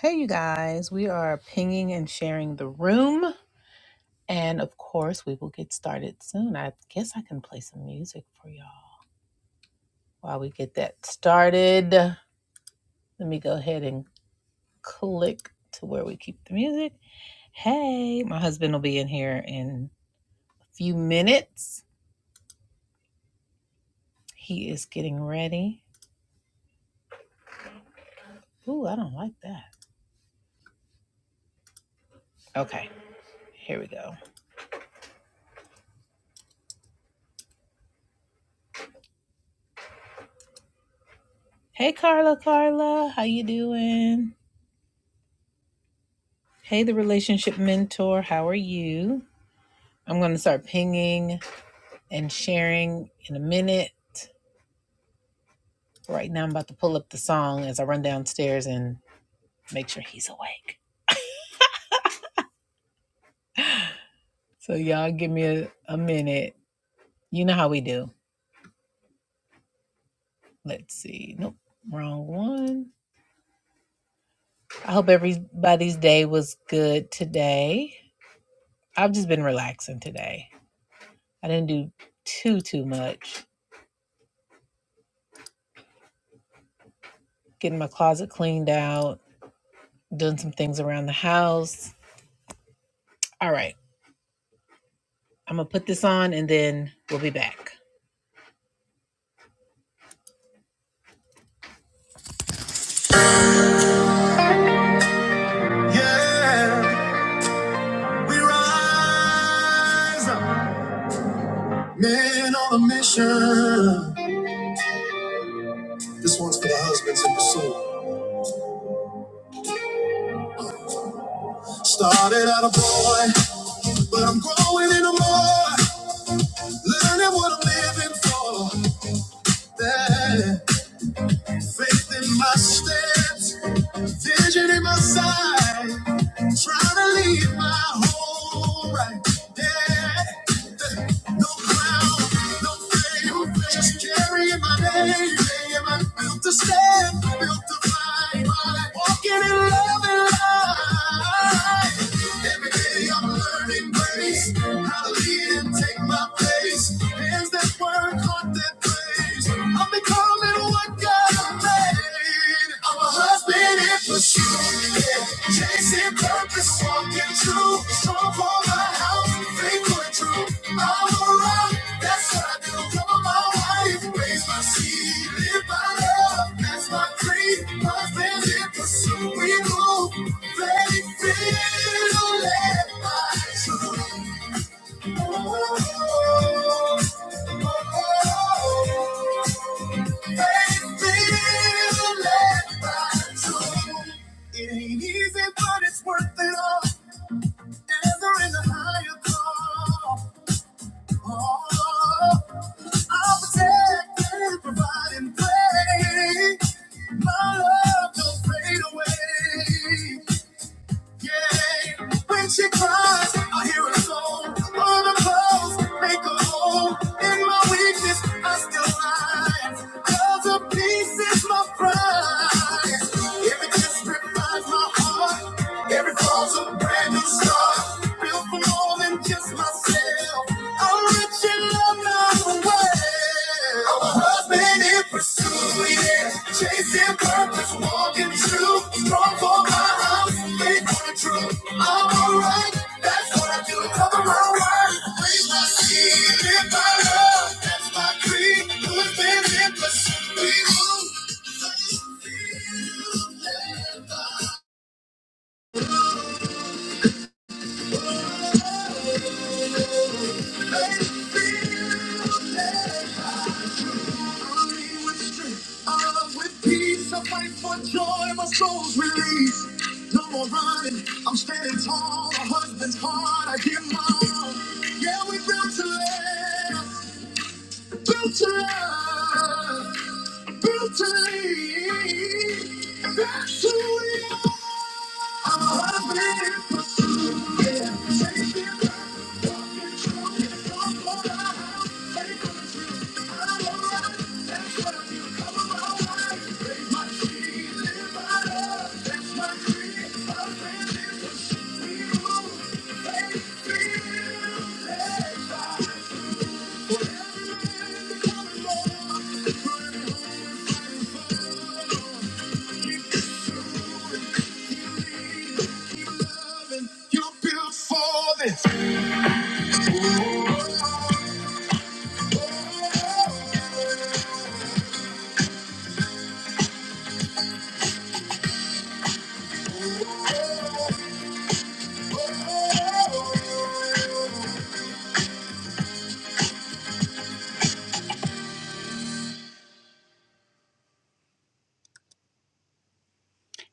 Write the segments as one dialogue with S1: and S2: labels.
S1: Hey, you guys, we are pinging and sharing the room. And of course, we will get started soon. I guess I can play some music for y'all while we get that started. Let me go ahead and click to where we keep the music. Hey, my husband will be in here in a few minutes. He is getting ready. Ooh, I don't like that. Okay, here we go. Hey, Carla, Carla, how you doing? Hey, the relationship mentor, how are you? I'm going to start pinging and sharing in a minute. Right now, I'm about to pull up the song as I run downstairs and make sure he's awake. So, y'all give me a, a minute. You know how we do. Let's see. Nope, wrong one. I hope everybody's day was good today. I've just been relaxing today. I didn't do too, too much. Getting my closet cleaned out, doing some things around the house. All right, I'm going to put this on and then we'll be back. Yeah, we rise up, men on a mission. This one's for the husbands in pursuit. Started out a boy, but I'm growing into more. Learning what I'm living for. That faith in my steps, vision in my sight. Trying to leave my home right there. No crown, no fame, just carrying my name. I'm built to stand, built to fight. Walking in love and light. Every day I'm learning grace, how to lead and take my place. Hands that work, heart that prays. I'm becoming what God. I'm a husband in pursuit, yeah. chasing purpose, walking true. Strong for my house, faithful and true. I'm a rock, that's what I do. Cover my wife, raise my seed, live by love, that's my creed. Husband in pursuit, we move, very fearless by truth. It ain't easy, but it's worth it all. And there ain't a higher call. Oh, I'll protect and provide and pray. My love don't fade away. Yeah, when she cries, I hear her soul. on the clothes, make a hole in my weakness. I still rise 'cause cause a piece is my prize. Every kiss refines my heart, every fall's a brand new start. Built for more than just myself, I'm rich in love now. I'm a husband in pursuit, yeah. Chasing purpose, walking true. Strong for my house, faith for the truth. I'm alright, that's what I do. Cover my work, raise my seed, live my love. That's my creed. Husband in pursuit, we move. Let it feel, let it feel, let it feel. I'm leading with strength. I'm loved with peace. I fight for joy. My soul's released. No more running. I'm standing tall. My husband's heart, I give my all. Yeah, we built to last. Built to love. Built to lead. That's who we are.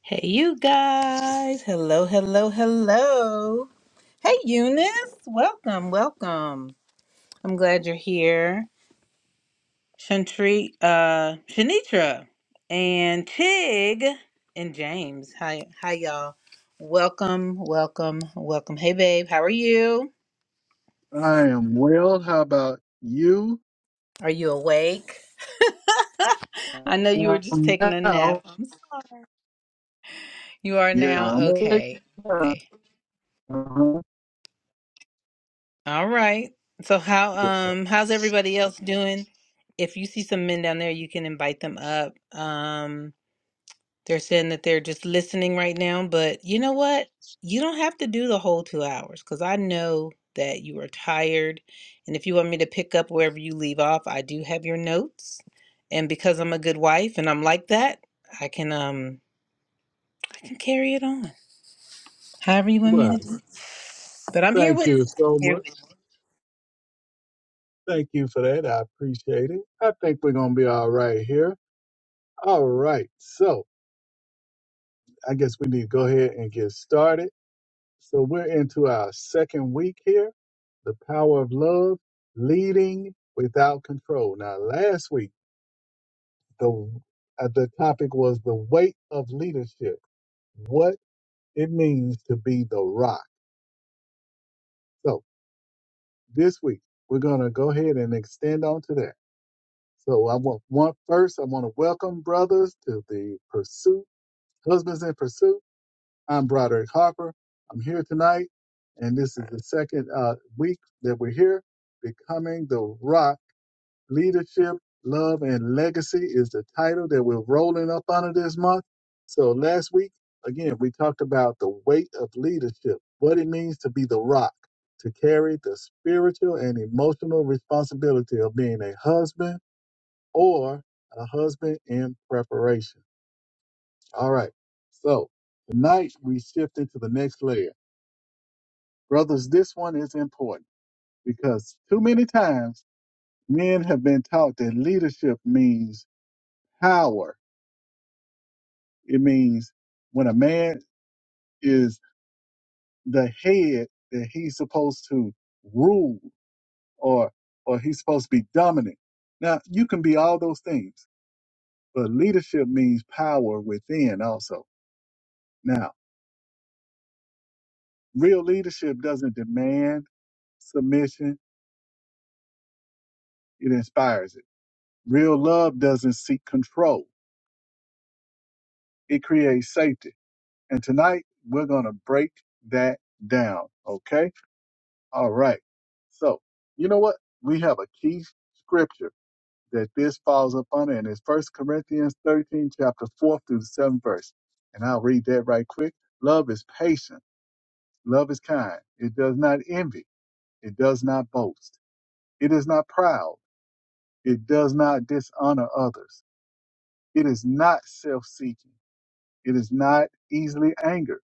S1: Hey, you guys. Hello, hello, hello. Hey, Eunice. Welcome, welcome. I'm glad you're here. Shantri, uh, Shanitra and Tig and James. Hi, hi, y'all. Welcome, welcome, welcome. Hey, babe. How are you?
S2: I am well. How about you?
S1: Are you awake? I know you were just
S2: Um,
S1: taking a nap.
S2: now,
S1: I'm sorry. You are
S2: yeah,
S1: now
S2: I'm awake.
S1: okay.
S2: now.
S1: Okay.
S2: Uh-huh.
S1: All right. So how
S2: Yeah.
S1: um how's everybody else doing? If you see some men down there, you can invite them up. Um They're saying that they're just listening right now, but you know what? You don't have to do the whole two hours because I know that you are tired. And if you want me to pick up wherever you leave off, I do have your notes. And because I'm a good wife and I'm like that, I can um I can carry it on. However you want me
S2: Well,
S1: to do. it. But I'm here
S2: thank
S1: with
S2: you so
S1: here
S2: much.
S1: with
S2: Thank you for that. I appreciate it. I think we're going to be all right here. All right. So I guess we need to go ahead and get started. So we're into our second week here The Power of Love, Leading Without Control. Now, last week, the, uh, the topic was the weight of leadership. What? It means to be the rock. So this week we're gonna go ahead and extend on to that. So I want one first. I want to welcome brothers to the pursuit, husbands in pursuit. I'm Broderick Harper. I'm here tonight, and this is the second uh, week that we're here, becoming the rock Leadership, Love, and Legacy is the title that we're rolling up under this month. So last week, again, we talked about the weight of leadership, what it means to be the rock, to carry the spiritual and emotional responsibility of being a husband or a husband in preparation. All right. So tonight we shift into the next layer. Brothers, this one is important because too many times men have been taught that leadership means power It means when a man is the head that he's supposed to rule or or he's supposed to be dominant. Now you can be all those things, but leadership means power within also. Now, real leadership doesn't demand submission, it inspires it. Real love doesn't seek control, it creates safety. And tonight we're gonna break that down. Okay All right. So, you know what? We have a key scripture that this falls upon, and it's First Corinthians 13, chapter 4 through the 7th verse. And I'll read that right quick. Love is patient. Love is kind. It does not envy. It does not boast. It is not proud. It does not dishonor others. It is not self seeking. It is not easily angered.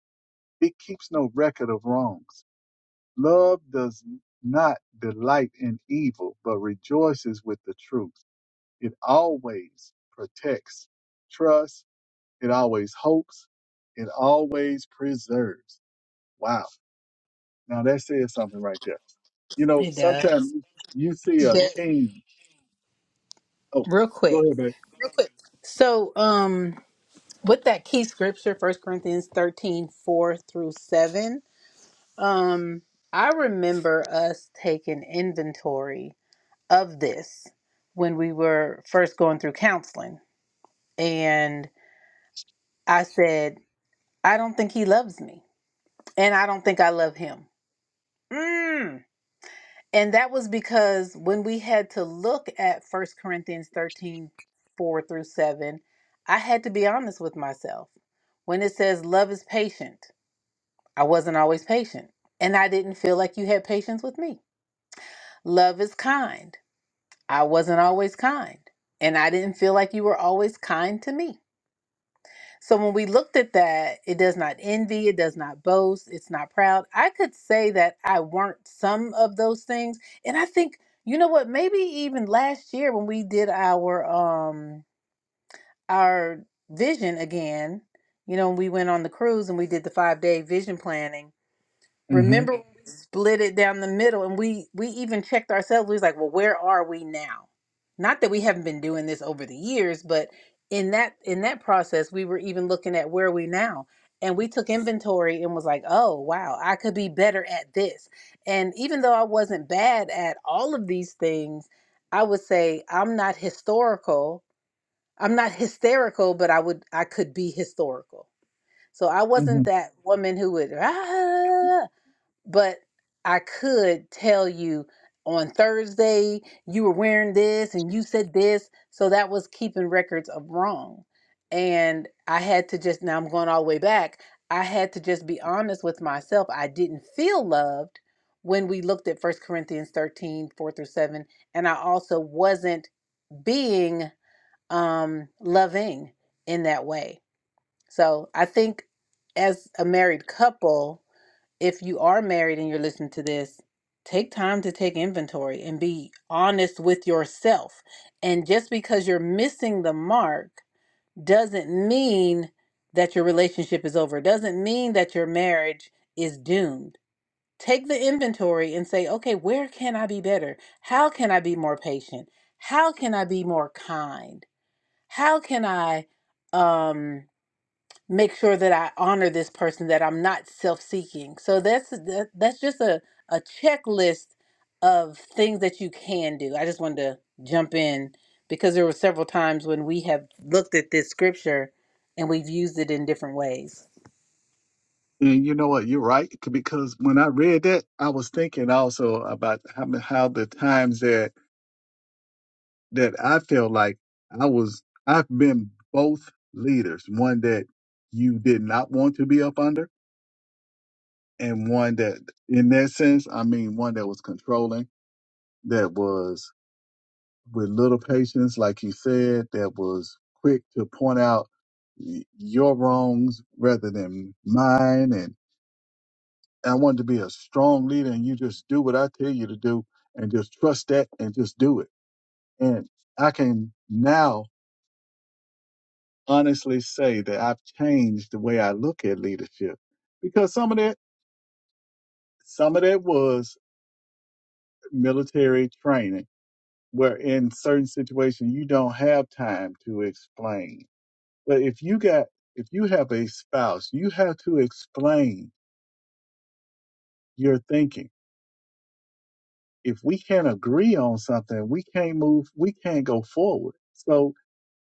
S2: It keeps no record of wrongs. Love does not delight in evil, but rejoices with the truth. It always protects, trusts, it always hopes, it always preserves. Wow. Now that says something right there. You know,
S1: it
S2: sometimes
S1: does.
S2: you see a
S1: That-
S2: king. Oh,
S1: real
S2: go
S1: quick.
S2: ahead, babe.
S1: Real quick. So um with that key scripture, First Corinthians 13 4 through 7. Um, I remember us taking inventory of this when we were first going through counseling. And I said, I don't think he loves me. And I don't think I love him. Mm. And that was because when we had to look at First Corinthians 13 4 through 7, I had to be honest with myself. When it says love is patient, I wasn't always patient. And I didn't feel like you had patience with me. Love is kind. I wasn't always kind. And I didn't feel like you were always kind to me. So when we looked at that, it does not envy, it does not boast, it's not proud. I could say that I weren't some of those things. And I think, you know what, maybe even last year when we did our um our vision again, you know, we went on the cruise and we did the 5-day vision planning
S2: hmm
S1: Remember when we split it down the middle and we we even checked ourselves. We was like, well, where are we now? Not that we haven't been doing this over the years, but in that in that process, we were even looking at where are we now. And we took inventory and was like, oh wow, I could be better at this. And even though I wasn't bad at all of these things, I would say I'm not historical. I'm not hysterical, but I would I could be historical. So I
S2: hmm
S1: wasn't that woman who would, "Ah," but I could tell you on Thursday you were wearing this and you said this. So that was keeping records of wrong. And I had to just, now I'm going all the way back. I had to just be honest with myself. I didn't feel loved when we looked at First Corinthians 13 4 through 7. And I also wasn't being um, loving in that way. So I think as a married couple, if you are married and you're listening to this, take time to take inventory and be honest with yourself. And just because you're missing the mark doesn't mean that your relationship is over, It doesn't mean that your marriage is doomed. Take the inventory and say, okay, where can I be better? How can I be more patient? How can I be more kind? How can I um make sure that I honor this person, that I'm not self-seeking. So that's that, that's just a a checklist of things that you can do. I just wanted to jump in because there were several times when we have looked at this scripture and we've used it in different ways.
S2: And you know what? You're right. c- Because when I read that, I was thinking also about how, how the times that that I felt like I was I've been both leaders, one that you did not want to be up under and one that in that sense, I mean one that was controlling, that was with little patience, like you said, that was quick to point out y- your wrongs rather than mine and I wanted to be a strong leader and you just do what I tell you to do and just trust that and just do it. And I can now honestly say that I've changed the way I look at leadership because some of that some of that was military training where in certain situations you don't have time to explain. But if you got if you have a spouse, you have to explain your thinking. If we can't agree on something, we can't move, we can't go forward. So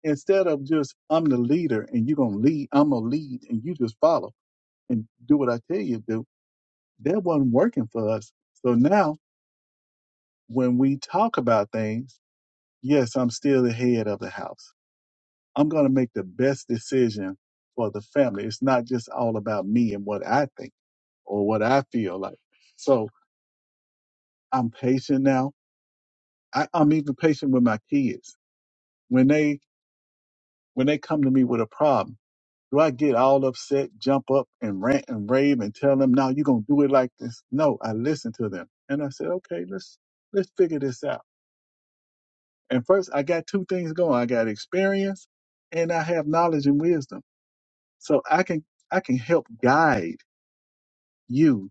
S2: instead of just I'm the leader and you're gonna lead, I'm gonna lead and you just follow and do what I tell you to do, that wasn't working for us. So now when we talk about things, yes, I'm still the head of the house. I'm going to make the best decision for the family. It's not just all about me and what I think or what I feel like. So I'm patient now. I, I'm even patient with my kids. When they when they come to me with a problem, do I get all upset, jump up and rant and rave and tell them, no, you're gonna do it like this? No, I listen to them. And I said, okay, let's let's figure this out And first, I got two things going. I got experience and I have knowledge and wisdom. So I can, I can help guide you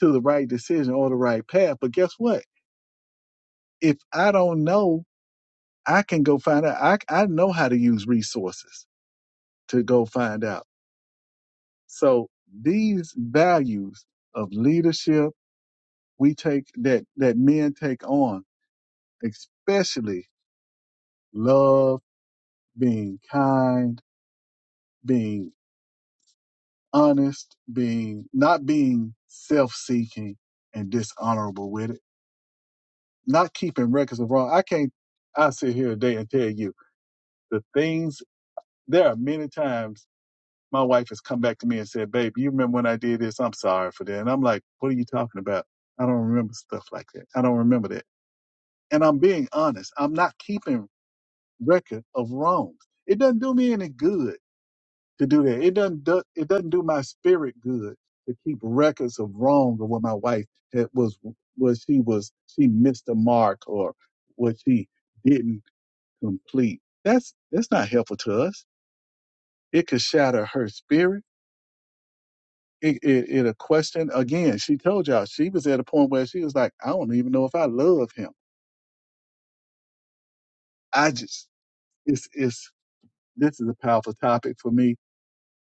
S2: to the right decision or the right path. But guess what? If I don't know, I can go find out. I, I know how to use resources to go find out. So these values of leadership we take that, that men take on, especially love, being kind, being honest, being not being self-seeking and dishonorable with it, not keeping records of wrong. I can't. I sit here today and tell you the things. There are many times my wife has come back to me and said, "Babe, you remember when I did this? I'm sorry for that." And I'm like, "What are you talking about? I don't remember stuff like that. I don't remember that." And I'm being honest. I'm not keeping record of wrongs. It doesn't do me any good to do that. It doesn't do, it doesn't do my spirit good to keep records of wrong or what my wife had was what she was she missed the mark or what she didn't complete. That's that's not helpful to us. It could shatter her spirit. It, it it'll question again. She told y'all she was at a point where she was like, I don't even know if I love him. I just it's it's this is a powerful topic for me,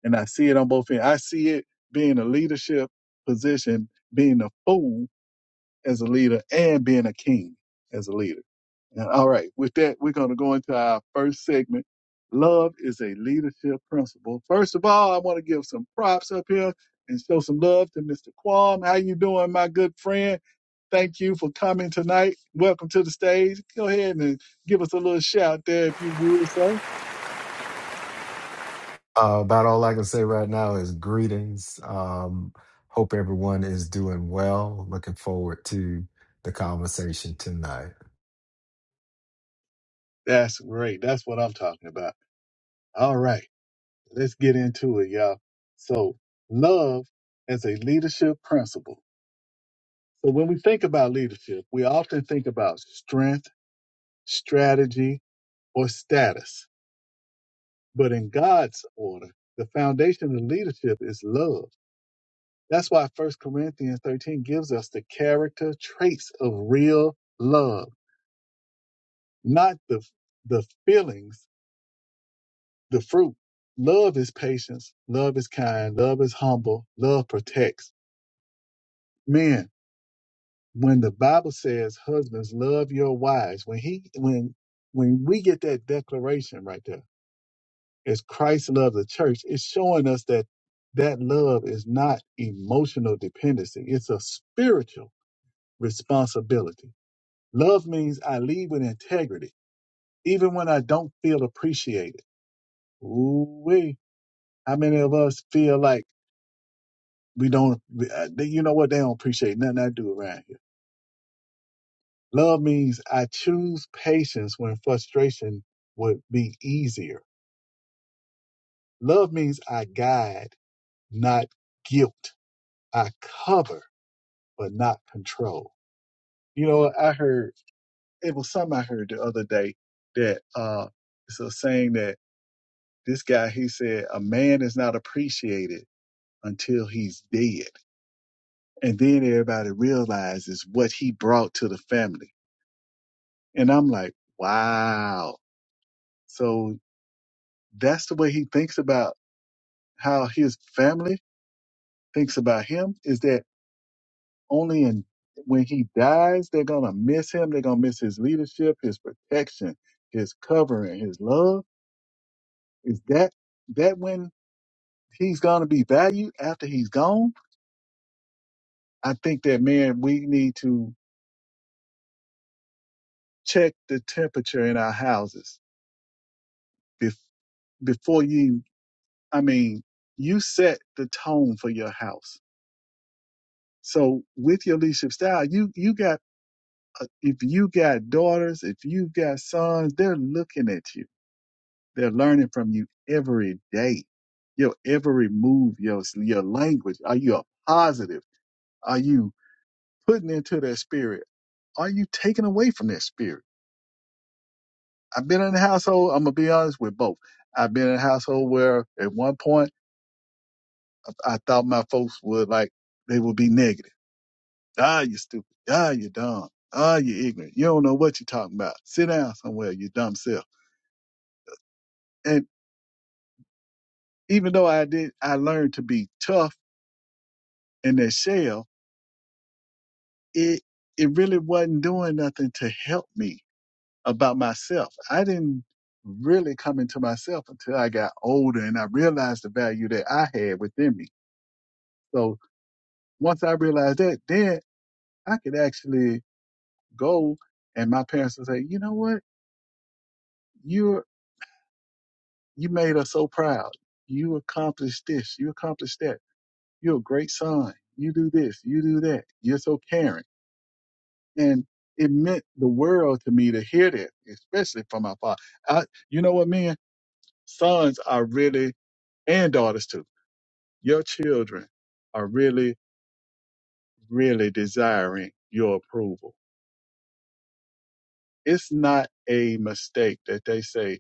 S2: and I see it on both ends. I see it being a leadership position, being a fool as a leader and being a king as a leader. And, all right, with that, we're going to go into our first segment. Love is a leadership principle. First of all, I want to give some props up here and show some love to Mr. Quam. How you doing, my good friend? Thank you for coming tonight. Welcome to the stage. Go ahead and give us a little shout there if you would, sir.
S3: Uh, about all I can say right now is greetings. Um, hope everyone is doing well. Looking forward to the conversation tonight.
S2: That's great. That's what I'm talking about. All right, let's get into it, y'all. So, love as a leadership principle. So when we think about leadership, we often think about strength, strategy, or status. But in God's order, the foundation of leadership is love. That's why First Corinthians 13 gives us the character traits of real love, not the, the feelings, the fruit. Love is patience. Love is kind. Love is humble. Love protects. Men, when the Bible says, "Husbands, love your wives," when he when when we get that declaration right there, as Christ loved the church, it's showing us that that love is not emotional dependency; it's a spiritual responsibility. Love means I lead with integrity, even when I don't feel appreciated. Ooh wee! How many of us feel like we don't? uh, they- You know what? They don't appreciate nothing I do around here Love means I choose patience when frustration would be easier. Love means I guide, not guilt. I cover, but not control. You know, I heard it was something I heard the other day that uh it's a saying that this guy he said a man is not appreciated until he's dead. And then everybody realizes what he brought to the family. And I'm like, wow. So that's the way he thinks about how his family thinks about him is that only in when he dies they're gonna miss him they're gonna miss his leadership his protection his covering his love is that that when he's gonna be valued after he's gone i think that man we need to check the temperature in our houses bef- before you i mean you set the tone for your house so with your leadership style you you got uh, if you got daughters, if you've got sons, they're looking at you. They're learning from you every day. Your every move, your your language. Are you a positive? Are you putting into their spirit? Are you taking away from their spirit? I've been in a household. I'm gonna be honest with both. I've been in a household where at one point I thought my folks would like they would be negative. Ah, you stupid. Ah, you dumb. Ah, you ignorant. You don't know what you're talking about. Sit down somewhere, you dumb self And even though I did, I learned to be tough in that shell. It it really wasn't doing nothing to help me about myself. I didn't really come into myself until I got older and I realized the value that I had within me. So once I realized that, then I could actually go and my parents would say, you know what, you're you made us so proud. You accomplished this. You accomplished that. You're a great son. You do this. You do that. You're so caring And it meant the world to me to hear that, especially from my father. I, you know what, man? Sons are really, and daughters too, your children are really, really desiring your approval. It's not a mistake that they say,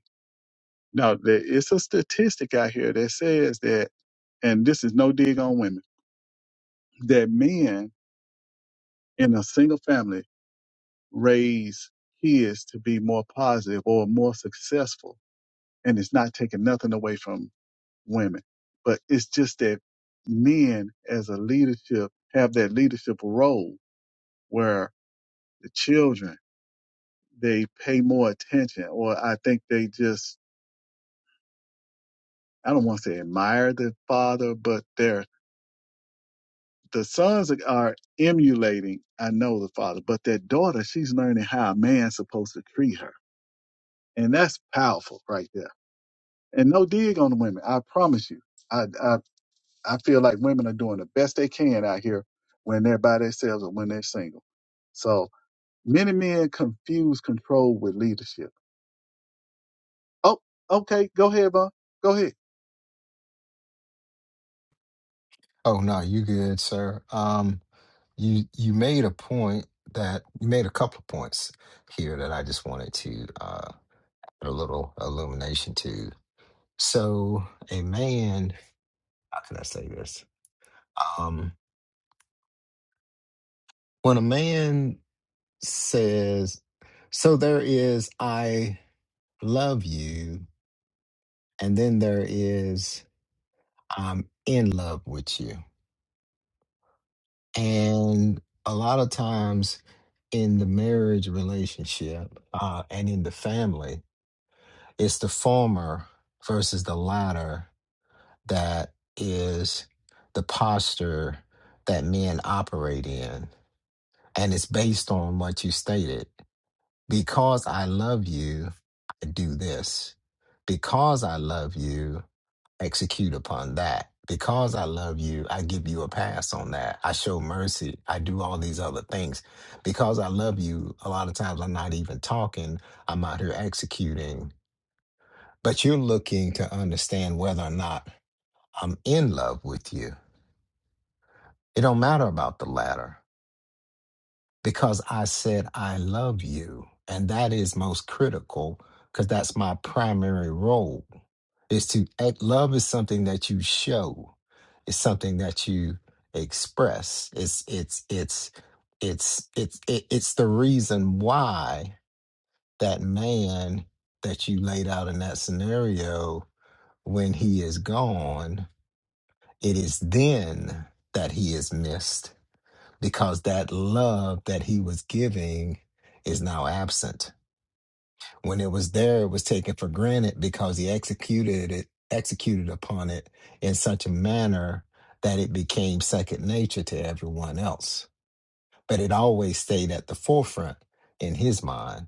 S2: no, there- it's a statistic out here that says that, and this is no dig on women, that men in a single family raise kids to be more positive or more successful. And it's not taking nothing away from women. But it's just that men as a leadership have that leadership role where the children, they pay more attention or I think they just, I don't want to say admire the father, but they're, the sons are emulating, I know the father, but that daughter, she's learning how a man's supposed to treat her. And that's powerful right there. And no dig on the women. I promise you. I. I I feel like women are doing the best they can out here when they're by themselves or when they're single. So many men confuse control with leadership. Oh, okay, go ahead, Vaughn. Go ahead.
S3: Oh no, you good, sir. Um, you you made a point that you made a couple of points here that I just wanted to uh put a little illumination to. So a man, how can I say this? Um, when a man says, "So there is, I love you," and then there is I'm in love with you. And a lot of times in the marriage relationship uh, and in the family, it's the former versus the latter that is the posture that men operate in. And it's based on what you stated. Because I love you, do this. Because I love you, execute upon that. Because I love you, I give you a pass on that. I show mercy. I do all these other things. Because I love you, a lot of times I'm not even talking, I'm out here executing. But you're looking to understand whether or not I'm in love with you. It don't matter about the latter. because I said, I love you. And that is most critical because that's my primary role is to act, love is something that you show. It's something that you express. It's, it's, it's, it's, it's, it- it's the reason why that man that you laid out in that scenario, when he is gone, it is then that he is missed because that love that he was giving is now absent. When it was there, it was taken for granted because he executed it, executed upon it in such a manner that it became second nature to everyone else. But it always stayed at the forefront in his mind.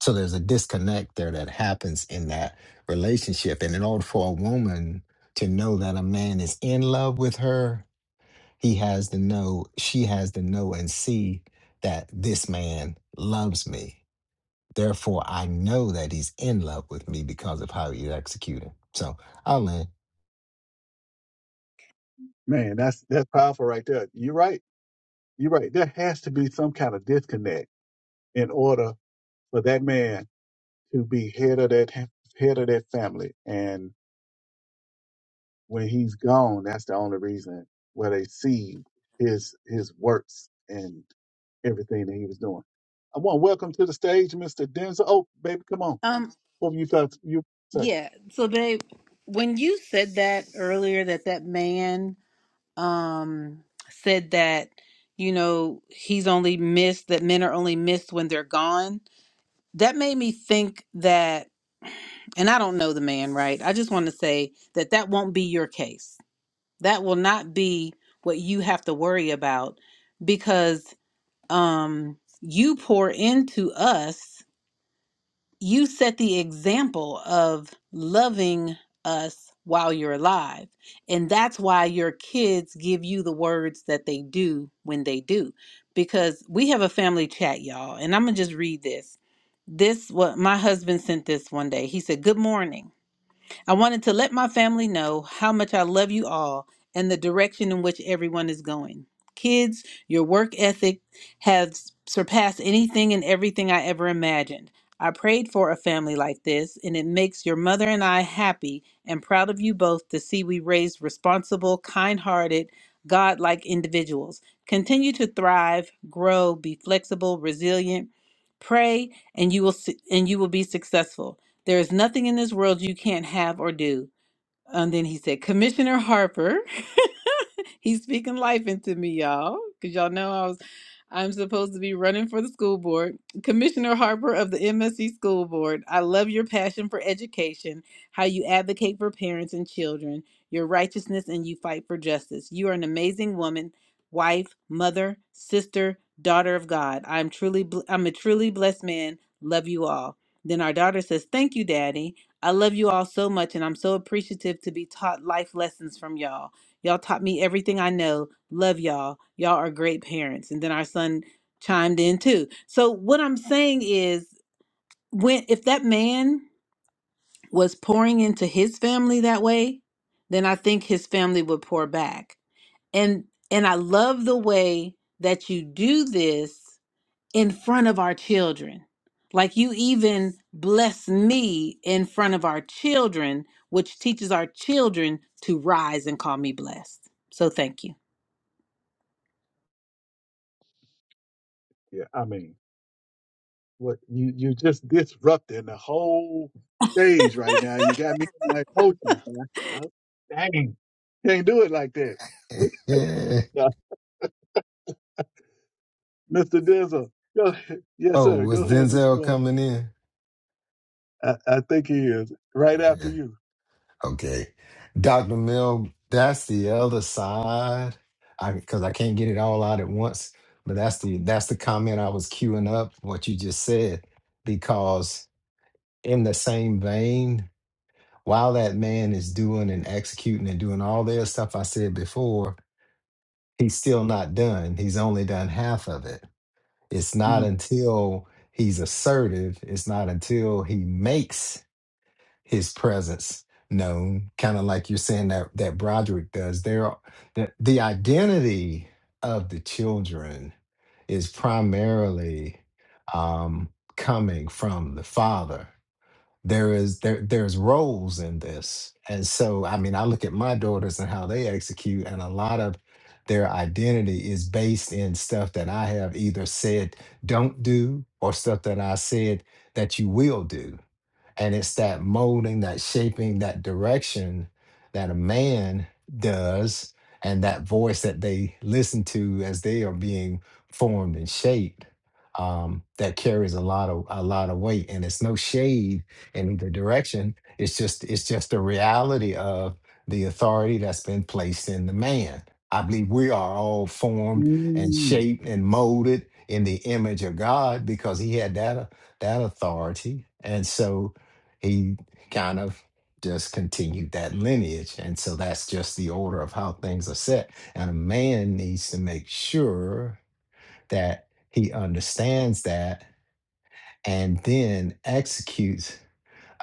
S3: So there's a disconnect there that happens in that relationship. And in order for a woman to know that a man is in love with her, he has to know, she has to know and see that this man loves me. Therefore, I know that he's in love with me because of how he's executing. So I'll land.
S2: Man, that's that's powerful right there. You're right. You're right. There has to be some kind of disconnect in order for that man to be head of that head of that family. And When he's gone, that's the only reason where they see his his works and everything that he was doing. I want to welcome to the stage, Mr. Denzel. Oh, baby, come on.
S1: Um
S2: What you felt you say?
S1: yeah, so babe, when you said that earlier that that man um said that you know he's only missed that men are only missed when they're gone that made me think that and I don't know the man, right? I just want to say that that won't be your case. That will not be what you have to worry about because um you pour into us you set the example of loving us while you're alive. And that's why your kids give you the words that they do when they do. Because we have a family chat, y'all. And I'm going to just read this. This, what my husband sent this one day. He said, Good morning. I wanted to let my family know how much I love you all and the direction in which everyone is going. Kids, your work ethic has surpassed anything and everything I ever imagined. I prayed for a family like this, and it makes your mother and I happy and proud of you both to see we raised responsible, kind hearted, God like individuals. Continue to thrive, grow, be flexible, resilient. Pray, and you will, su- and you will be successful. There is nothing in this world you can't have or do. And then he said, Commissioner Harper, he's speaking life into me, y'all, because y'all know I was, I'm supposed to be running for the school board. Commissioner Harper of the MSC School Board, I love your passion for education, how you advocate for parents and children, your righteousness, and you fight for justice. You are an amazing woman, wife, mother, sister, daughter of God. I'm truly, bl- I'm a truly blessed man. Love you all. Then our daughter says, Thank you, Daddy. I love you all so much, and I'm so appreciative to be taught life lessons from y'all. Y'all taught me everything I know. Love y'all. Y'all are great parents. And then our son chimed in too. So what I'm saying is, when if that man was pouring into his family that way, then I think his family would pour back. And and I love the way that you do this in front of our children. Like you even bless me in front of our children, which teaches our children to rise and call me blessed. So thank you.
S2: Yeah, I mean, what you you just disrupting the whole stage right now. You got me in my emotions, man. Oh, Dang, can't do it like that. Yeah. Mr. Denzel, go ahead. yes,
S3: oh,
S2: sir. Go
S3: was
S2: ahead, Miss
S3: Denzel
S2: Quan.
S3: coming in?
S2: I, I think he is
S3: Go
S2: right after
S3: ahead.
S2: you.
S3: Okay. Dr. Mill, that's the other side. I because I can't get it all out at once, but that's the that's the comment I was queuing up, what you just said, because in the same vein, while that man is doing and executing and doing all the other stuff I said before, he's still not done. He's only done half of it. It's not
S2: Mm.
S3: until he's assertive, it's not until he makes his presence known, kind of like you're saying that that Broderick does. There are, the, the identity of the children is primarily um, coming from the father there is there there's roles in this and so i mean i look at my daughters and how they execute and a lot of their identity is based in stuff that i have either said don't do or stuff that i said that you will do and it's that molding, that shaping, that direction that a man does, and that voice that they listen to as they are being formed and shaped. Um, that carries a lot of a lot of weight, and it's no shade in either direction. It's just it's just the reality of the authority that's been placed in the man. I believe we are all formed and
S2: Mm.
S3: shaped and molded in the image of God because He had that that authority, and so he kind of just continued that lineage. And so that's just the order of how things are set. And a man needs to make sure that he understands that and then executes.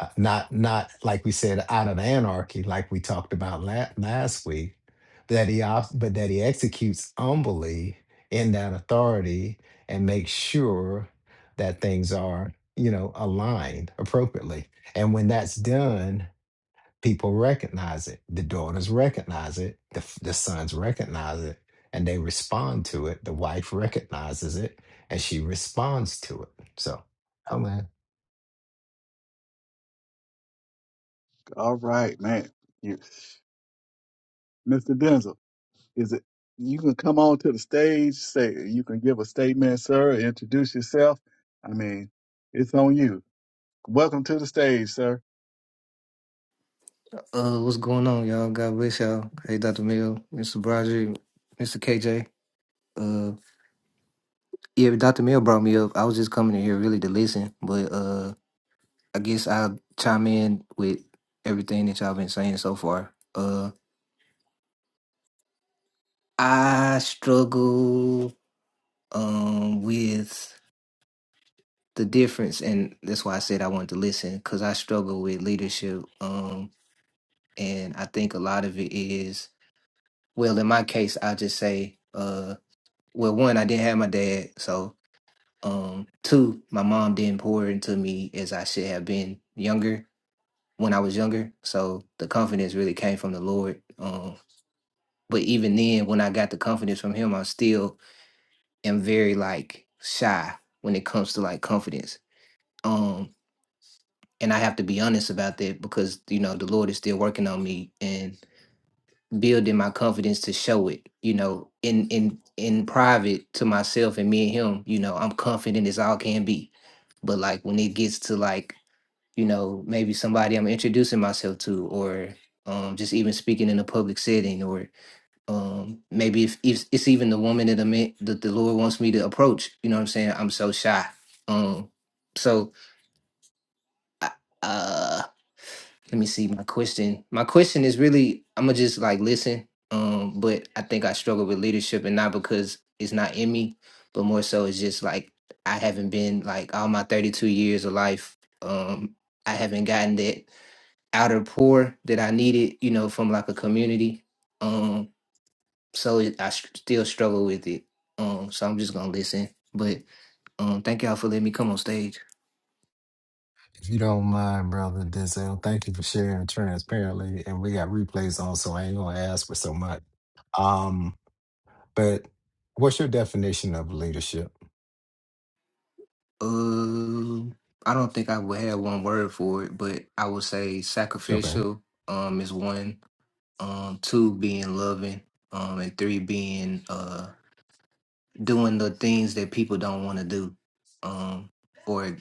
S3: uh, Not, not like we said, out of anarchy, like we talked about la- last week, that he op- but that he executes humbly in that authority and makes sure that things are, you know, aligned appropriately. And when that's done, people recognize it. The daughters recognize it. The, the sons recognize it and they respond to it. The wife recognizes it and she responds to it. So, oh man.
S2: All right, man. You, Mr. Denzel, is it you can come on to the stage, say you can give a statement, sir, introduce yourself. I mean, it's on you. Welcome to the stage, sir.
S4: Uh, what's going on, y'all? God bless y'all. Hey, Dr. Mill, Mr. Broderick, Mr. KJ. Uh, yeah, Dr. Mill brought me up. I was just coming in here really to listen, but uh, I guess I'll chime in with everything that y'all been saying so far. Uh, I struggle um with the difference, and that's why I said I wanted to listen because I struggle with leadership. Um, and I think a lot of it is well, in my case, I'll just say, uh. well one i didn't have my dad so um two my mom didn't pour into me as i should have been younger when i was younger so the confidence really came from the lord um but even then when i got the confidence from him i still am very like shy when it comes to like confidence um and i have to be honest about that because you know the lord is still working on me and. building my confidence to show it you know in in in private to myself and me and him you know i'm confident as all can be but like when it gets to like you know maybe somebody i'm introducing myself to or um just even speaking in a public setting or um maybe if, if it's even the woman that i met that the lord wants me to approach you know what i'm saying i'm so shy um so I, uh let me see my question my question is really i'm gonna just like listen um but i think i struggle with leadership and not because it's not in me but more so it's just like i haven't been like all my 32 years of life um i haven't gotten that outer pour that i needed you know from like a community um so it, i s- still struggle with it um so i'm just gonna listen but um, thank y'all for letting me come on stage.
S3: If you don't mind, brother Denzel, thank you for sharing transparently. And we got replays on, so I ain't gonna ask for so much. Um, but what's your definition of leadership?
S4: Um, I don't think I would have one word for it, but I would say
S3: Okay.
S4: sacrificial. Um, is one. Um, two being loving. Um, and three being uh doing the things that people don't want to do. Um, or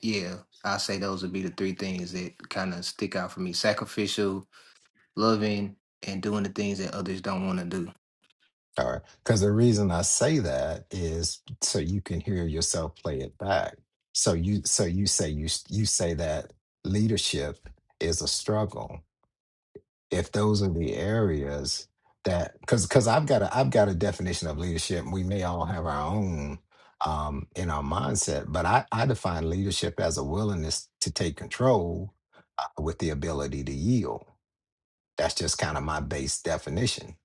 S4: yeah, I say those would be the three things that kind of stick out for me: sacrificial, loving, and doing the things that others don't want to do.
S3: All right. Because the reason I say that is so you can hear yourself play it back. So you so you say you s- you say that leadership is a struggle. If those are the areas that because because I've got a I've got a definition of leadership. We may all have our own um, in our mindset, but I, I define leadership as a willingness to take control uh, with the ability to yield. That's just kind of my base definition.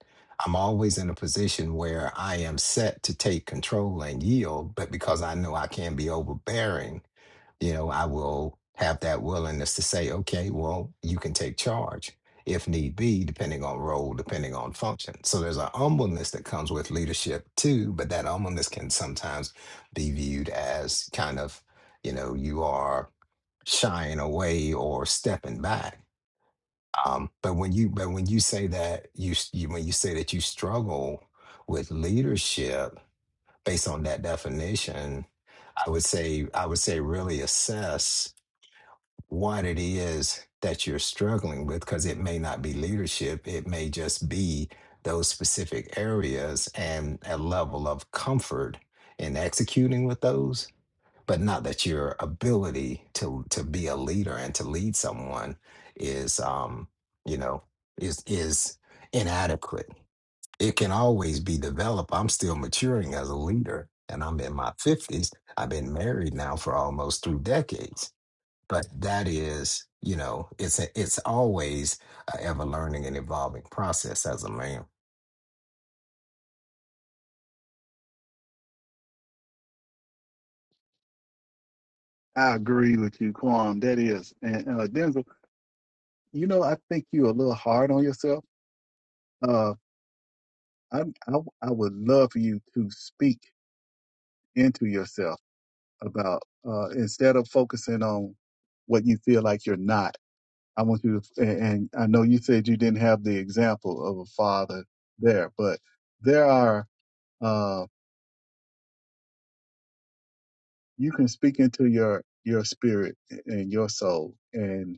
S3: I'm always in a position where I am set to take control and yield, but because I know I can be overbearing, you know, I will have that willingness to say, okay, well, you can take charge if need be, depending on role, depending on function. So there's a humbleness that comes with leadership too, but that humbleness can sometimes be viewed as kind of, you know, you are shying away or stepping back um, but when you but when you say that you, s- you when you say that you struggle with leadership based on that definition, I would say I would say really assess what it is that you're struggling with because it may not be leadership, it may just be those specific areas and a level of comfort in executing with those but not that your ability to to be a leader and to lead someone is um you know is is inadequate it can always be developed i'm still maturing as a leader and i'm in my 50s i've been married now for almost three decades but that is you know it's a, it's always a ever learning and evolving process as a man
S2: I agree with you, Quam. That is. And uh, Denzel, you know, I think you're a little hard on yourself. Uh, I, I, I would love for you to speak into yourself about uh, instead of focusing on what you feel like you're not I want you to, and and I know you said you didn't have the example of a father there, but there are, uh, you can speak into your, your spirit and your soul, and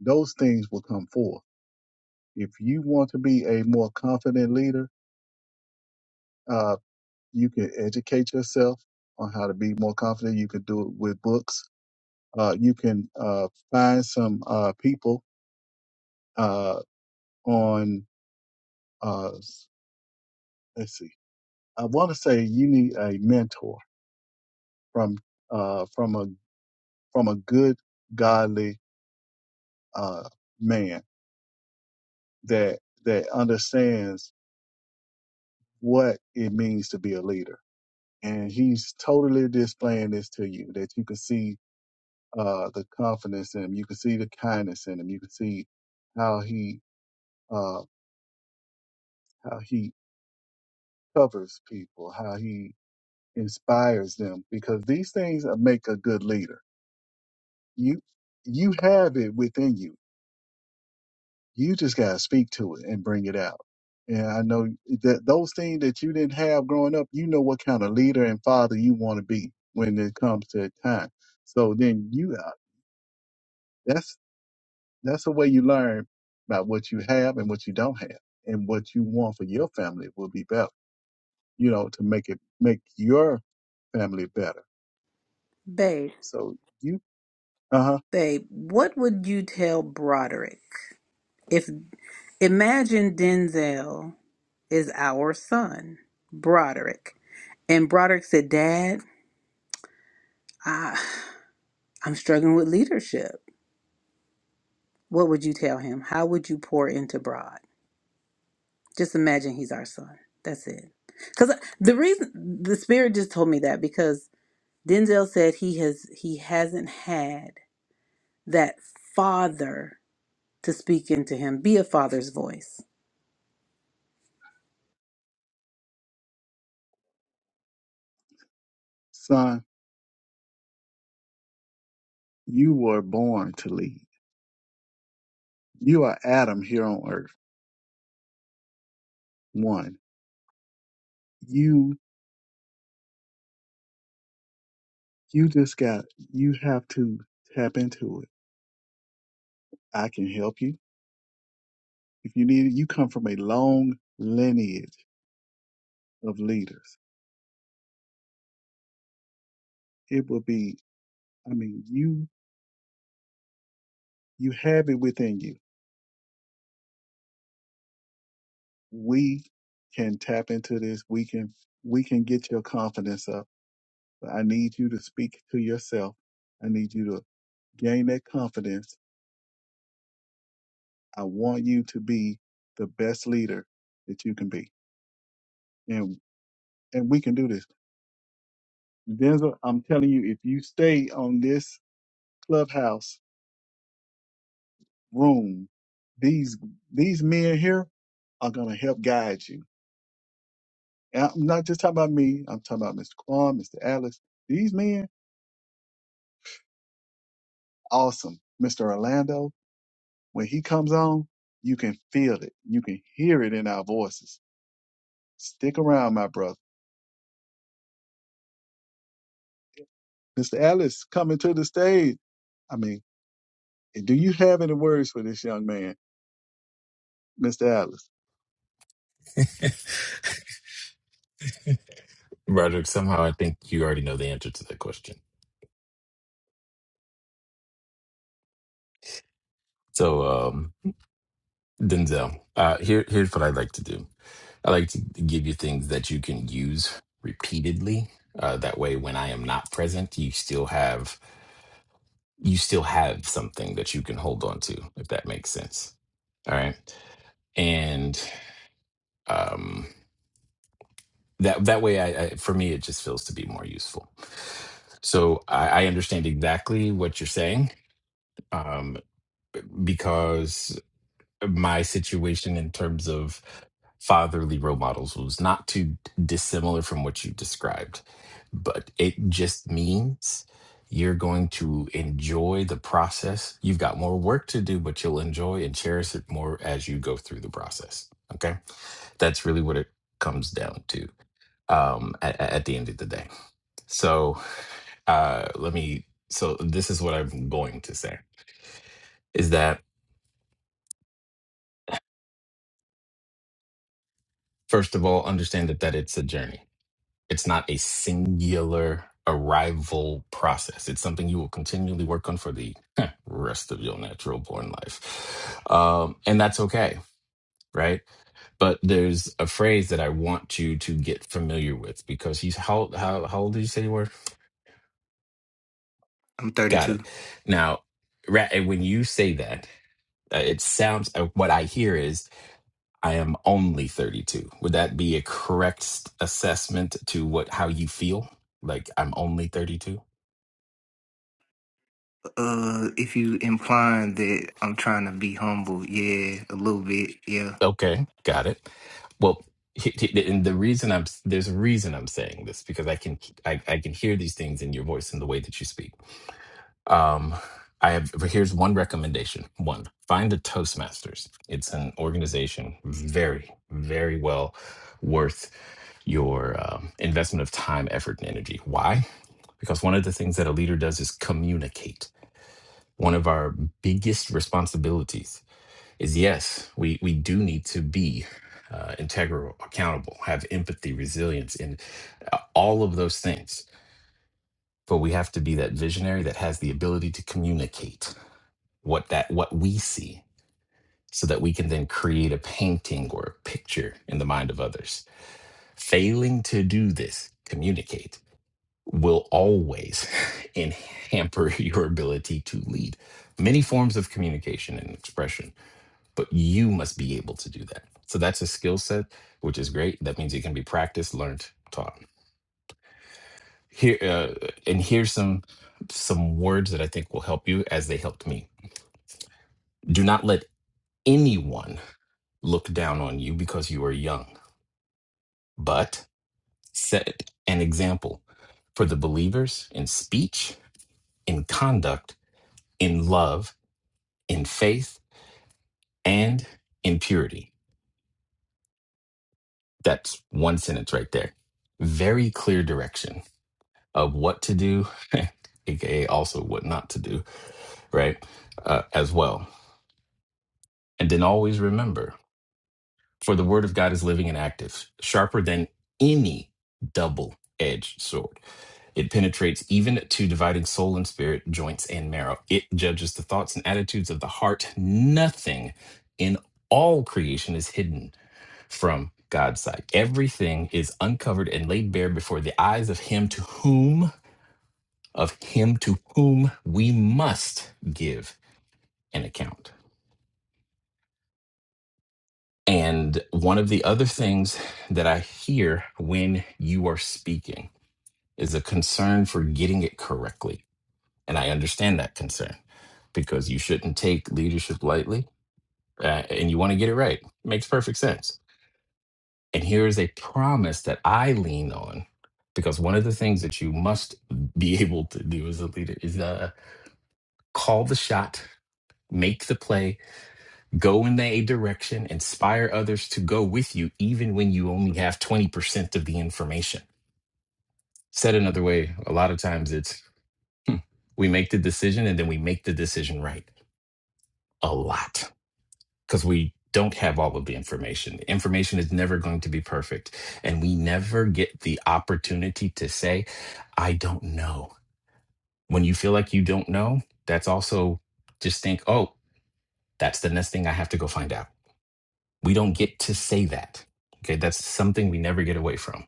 S2: those things will come forth. If you want to be a more confident leader, uh, you can educate yourself on how to be more confident. You can do it with books. Uh, you can, uh, find some, uh, people, uh, on, uh, let's see. I want to say you need a mentor from uh, from a from a good godly uh, man that that understands what it means to be a leader, and he's totally displaying this to you that you can see uh, the confidence in him, you can see the kindness in him, you can see how he uh, how he covers people, how he inspires them, because these things make a good leader. You you have it within you You just gotta speak to it and bring it out. And I know that those things that you didn't have growing up, you know what kind of leader and father you want to be when it comes to that time. So then you, uh, that's that's the way you learn about what you have and what you don't have, and what you want for your family will be better. You know, to make it make your family better.
S1: Babe,
S2: So you, uh huh,
S1: babe, what would you tell Broderick if imagine Denzel is our son, Broderick, and Broderick said, "Dad, I, I'm struggling with leadership." What would you tell him? How would you pour into Brod? Just imagine he's our son. That's it. Because the reason the spirit just told me that because Denzel said he has he hasn't had that father to speak into him, be a father's voice.
S2: son, you were born to lead. You are Adam here on earth. One, you You just got, you have to tap into it. I can help you. If you need it, you come from a long lineage of leaders. It will be, I mean, you, you have it within you. We can tap into this. We can, we can get your confidence up. But I need you to speak to yourself. I need you to gain that confidence. I want you to be the best leader that you can be. And, and we can do this. Denzel, I'm telling you, if you stay on this clubhouse room, these these men here are gonna help guide you. And I'm not just talking about me. I'm talking about Mr. Quan, Mr. Alex. These men, awesome. Mr. Orlando, when he comes on, you can feel it. You can hear it in our voices. Stick around, my brother. Mr. Alex coming to the stage. I mean, do you have any words for this young man, Mr. Alice?
S5: Roderick, somehow I think you already know the answer to that question. So, um, Denzel, uh, here, here's what I like to do. I like to give you things that you can use repeatedly. Uh, that way, when I am not present, you still have you still have something that you can hold on to, if that makes sense. All right, and um, that that way, I, I for me, it just feels to be more useful. So I, I understand exactly what you're saying um, because my situation in terms of fatherly role models was not too dissimilar from what you described, but it just means you're going to enjoy the process. You've got more work to do, but you'll enjoy and cherish it more as you go through the process. Okay. That's really what it comes down to um, at, at the end of the day. So uh, let me, so this is what I'm going to say is that, first of all, understand that, that it's a journey It's not a singular arrival process. It's something you will continually work on for the rest of your natural born life. Um, and that's okay, right? But there's a phrase that I want you to get familiar with because he's how how how old did you say you were?
S4: I'm
S5: Got
S4: 32.
S5: it. Now, ra- and when you say that, uh, it sounds uh, what I hear is I am only 32. Would that be a correct s- assessment to what how you feel? Like I'm only 32?
S4: Uh, if you implying that I'm trying to be humble, yeah, a little bit, yeah.
S5: Okay, got it. Well, he- he- and the reason I'm there's a reason I'm saying this because I can I, I can hear these things in your voice and the way that you speak. Um, I have here's one recommendation. One, find a Toastmasters. It's an organization very very well worth your um, investment of time, effort, and energy. Why? Because one of the things that a leader does is communicate. One of our biggest responsibilities is yes, we we do need to be uh, integral, accountable, have empathy, resilience, and uh, all of those things. But we have to be that visionary that has the ability to communicate what that what we see, so that we can then create a painting or a picture in the mind of others. Failing to do this, communicate will always and hamper your ability to lead. Many forms of communication and expression but you must be able to do that. So that's a skill set, which is great. That means it can be practiced, learned, taught. Here uh, and here's some some words that I think will help you as they helped me. Do not let anyone look down on you because you are young, but set an example for the believers in speech, in conduct, in love, in faith, and in purity. That's one sentence right there. Very clear direction of what to do, aka also what not to do, right? Uh, as well. And then always remember for the word of God is living and active, sharper than any double edged sword. It penetrates even to dividing soul and spirit, joints and marrow. It judges the thoughts and attitudes of the heart. Nothing in all creation is hidden from God's sight. Everything is uncovered and laid bare before the eyes of Him to whom of him to whom we must give an account. And one of the other things that I hear when you are speaking is a concern for getting it correctly. And I understand that concern because you shouldn't take leadership lightly uh, and you want to get it right. makes perfect sense. And here is a promise that I lean on because one of the things that you must be able to do as a leader is uh, call the shot, make the play, Go in a direction, inspire others to go with you, even when you only have 20% of the information. Said another way, a lot of times it's hmm, we make the decision and then we make the decision right a lot because we don't have all of the information. Information is never going to be perfect. And we never get the opportunity to say, I don't know. When you feel like you don't know, that's also just think, oh, that's the next thing I have to go find out We don't get to say that. Okay, that's something we never get away from,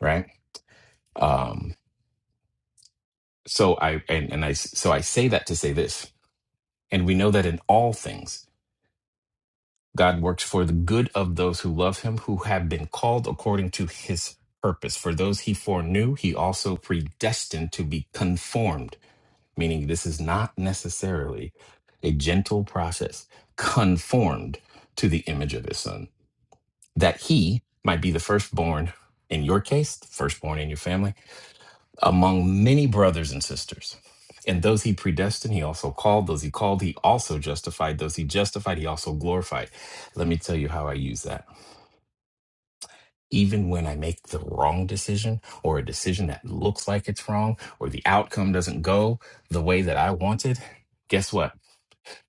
S5: right? Um, so I and, and I s- so I say that to say this, and we know that in all things God works for the good of those who love Him, who have been called according to His purpose. For those He foreknew, He also predestined to be conformed. Meaning, this is not necessarily a gentle process. Conformed to the image of His Son that he might be the firstborn in your case, the firstborn in your family, among many brothers and sisters. And those he predestined, he also called. Those he called, he also justified. Those he justified, he also glorified. Let me tell you how I use that. Even when I make the wrong decision or a decision that looks like it's wrong or the outcome doesn't go the way that I wanted, guess what?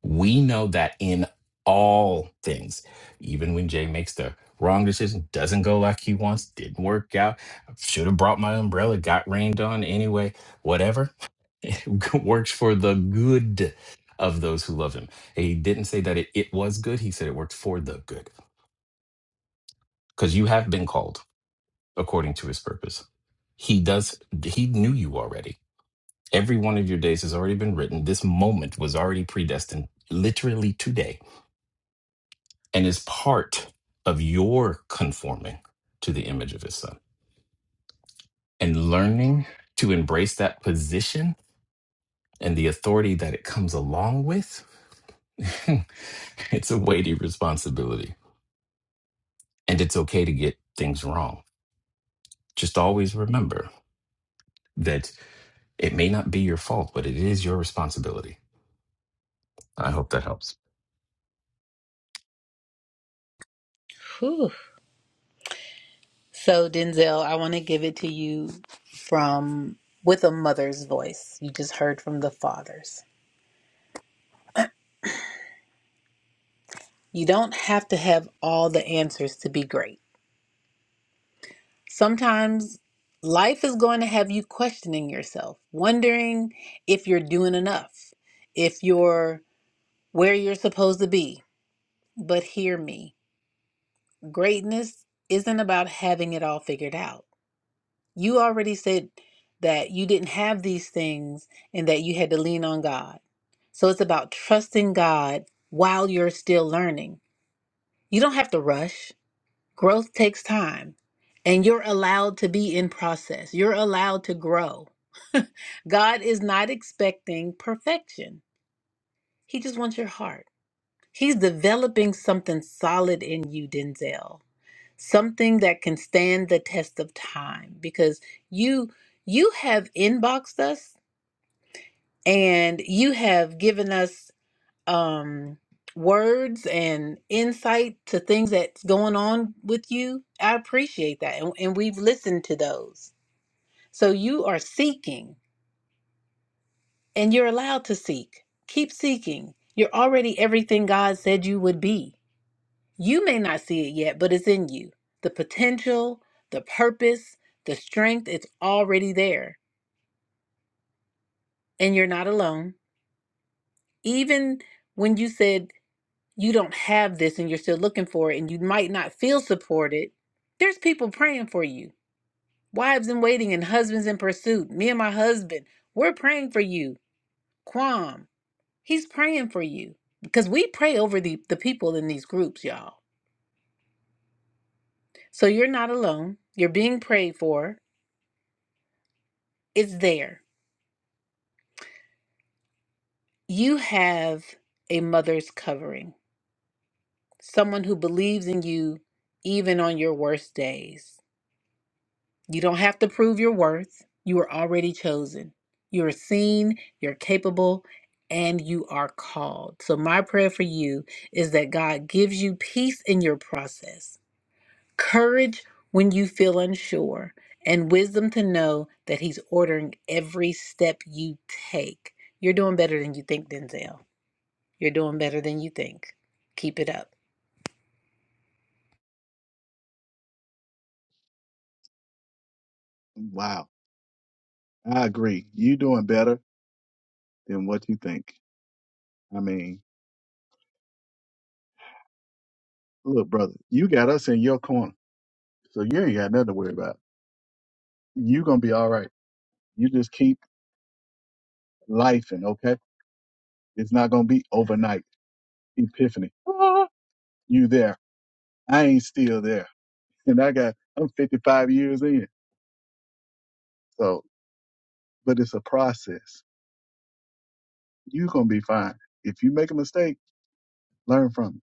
S5: We know that in all things, even when Jay makes the wrong decision, doesn't go like he wants, didn't work out, should have brought my umbrella, got rained on anyway, whatever, works for the good of those who love him. He didn't say that it, it was good, he said it worked for the good because you have been called according to his purpose. He does, he knew you already. Every one of your days has already been written. This moment was already predestined literally today and is part of your conforming to the image of his son and learning to embrace that position and the authority that it comes along with it's a weighty responsibility and it's okay to get things wrong just always remember that it may not be your fault but it is your responsibility i hope that helps
S1: Whew. So, Denzel, I want to give it to you from with a mother's voice. You just heard from the fathers. You don't have to have all the answers to be great. Sometimes life is going to have you questioning yourself, wondering if you're doing enough, if you're where you're supposed to be. But hear me greatness isn't about having it all figured out. You already said that you didn't have these things and that you had to lean on God. So it's about trusting God while you're still learning. You don't have to rush. Growth takes time, and you're allowed to be in process. You're allowed to grow. God is not expecting perfection, He just wants your heart. He's developing something solid in you, Denzel, something that can stand the test of time because you you have inboxed us and you have given us um words and insight to things that's going on with you i appreciate that and, and we've listened to those so you are seeking and you're allowed to seek keep seeking you're already everything god said you would be you may not see it yet but it's in you the potential the purpose the strength it's already there and you're not alone even when you said you don't have this and you're still looking for it and you might not feel supported, there's people praying for you. Wives in waiting and husbands in pursuit. Me and my husband, we're praying for you. kwam he's praying for you because we pray over the, the people in these groups, y'all. So you're not alone. You're being prayed for. It's there. You have a mother's covering, someone who believes in you even on your worst days You don't have to prove your worth. You are already chosen. You are seen, you're capable, and you are called. So, my prayer for you is that God gives you peace in your process, courage when you feel unsure, and wisdom to know that He's ordering every step you take. You're doing better than you think, Denzel. You're doing better than you think. Keep it up.
S2: Wow, I agree. you doing better than what you think. I mean, Look, brother, you got us in your corner, so you ain't got nothing to worry about. You gonna be all right. You just keep lifing, okay. It's not gonna be overnight epiphany. Ah, you there? I ain't still there, and I got I'm 55 years in. So, but it's a process. You gonna be fine. If you make a mistake, learn from it.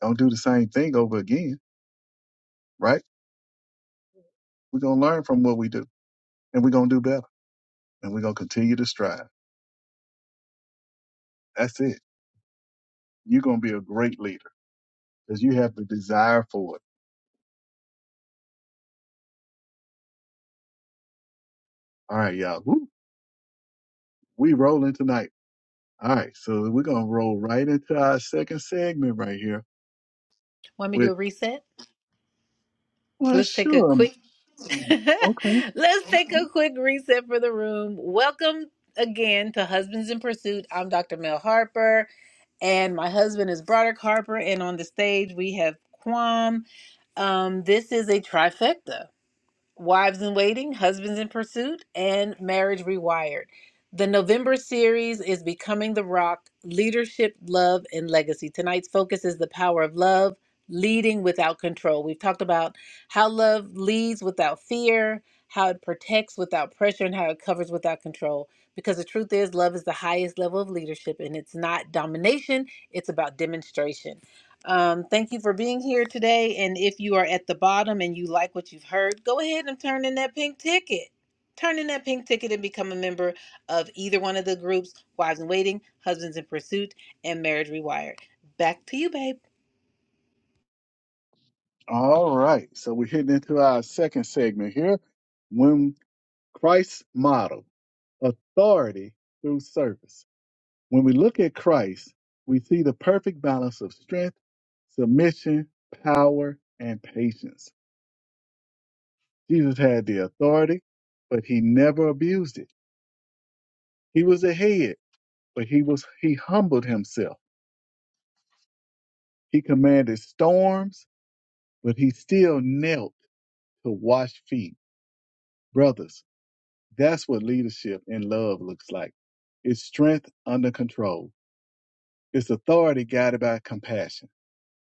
S2: Don't do the same thing over again, right? We're gonna learn from what we do, and we're gonna do better, and we're gonna continue to strive. That's it. You're gonna be a great leader because you have the desire for it All right, y'all. Woo, we rolling tonight. All right, so we're gonna roll right into our second segment right here
S1: Want me to
S2: with
S1: do a reset?
S2: well
S1: Let's take a
S2: sure.
S1: quick
S2: Okay.
S1: Let's take a quick reset for the room. Welcome again to Husbands in Pursuit. I'm Dr. Mel Harper, and my husband is Broderick Harper. And on the stage, we have Quam. Um, this is a trifecta. Wives in Waiting, Husbands in Pursuit, and Marriage Rewired. The November series is Becoming the Rock Leadership, Love, and Legacy. Tonight's focus is the power of love, leading without control. We've talked about how love leads without fear, how it protects without pressure, and how it covers without control. Because the truth is, love is the highest level of leadership, and it's not domination, it's about demonstration. Um, thank you for being here today. And if you are at the bottom and you like what you've heard, go ahead and turn in that pink ticket. Turn in that pink ticket and become a member of either one of the groups Wives in Waiting, Husbands in Pursuit, and Marriage Rewired. Back to you, babe.
S2: All right. So we're hitting into our second segment here. When Christ's model, authority through service. When we look at Christ, we see the perfect balance of strength, submission, power, and patience. Jesus had the authority, but he never abused it. He was the head but he was he humbled himself. He commanded storms, but he still knelt to wash feet. Brothers, that's what leadership in love looks like. It's strength under control. It's authority guided by compassion.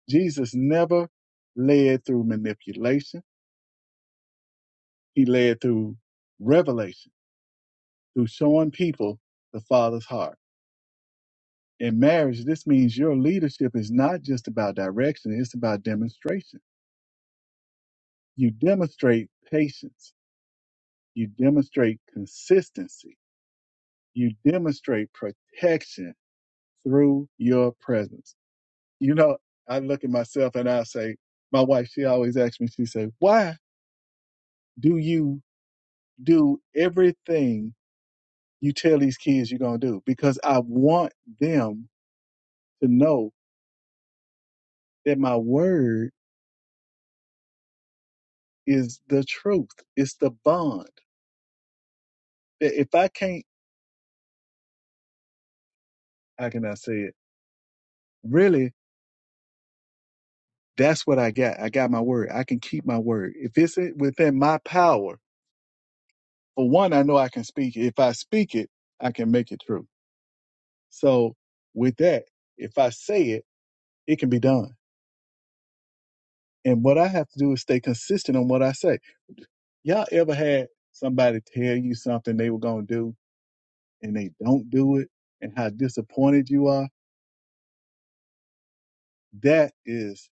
S2: Jesus never led through manipulation. He led through revelation, through showing people the Father's heart. In marriage, this means your leadership is not just about direction, it's about demonstration. You demonstrate patience You demonstrate consistency. You demonstrate protection through your presence. You know, I look at myself and I say, my wife, she always asks me, she said, why do you do everything you tell these kids you're going to do? Because I want them to know that my word is the truth. It's the bond. That if I can't, how can I say it? Really, that's what I got. I got my word. I can keep my word. If it's within my power, for one, I know I can speak it. If I speak it, I can make it true. So with that, if I say it, it can be done. And what I have to do is stay consistent on what I say. Y'all ever had somebody tell you something they were going to do and they don't do it and how disappointed you are? That is,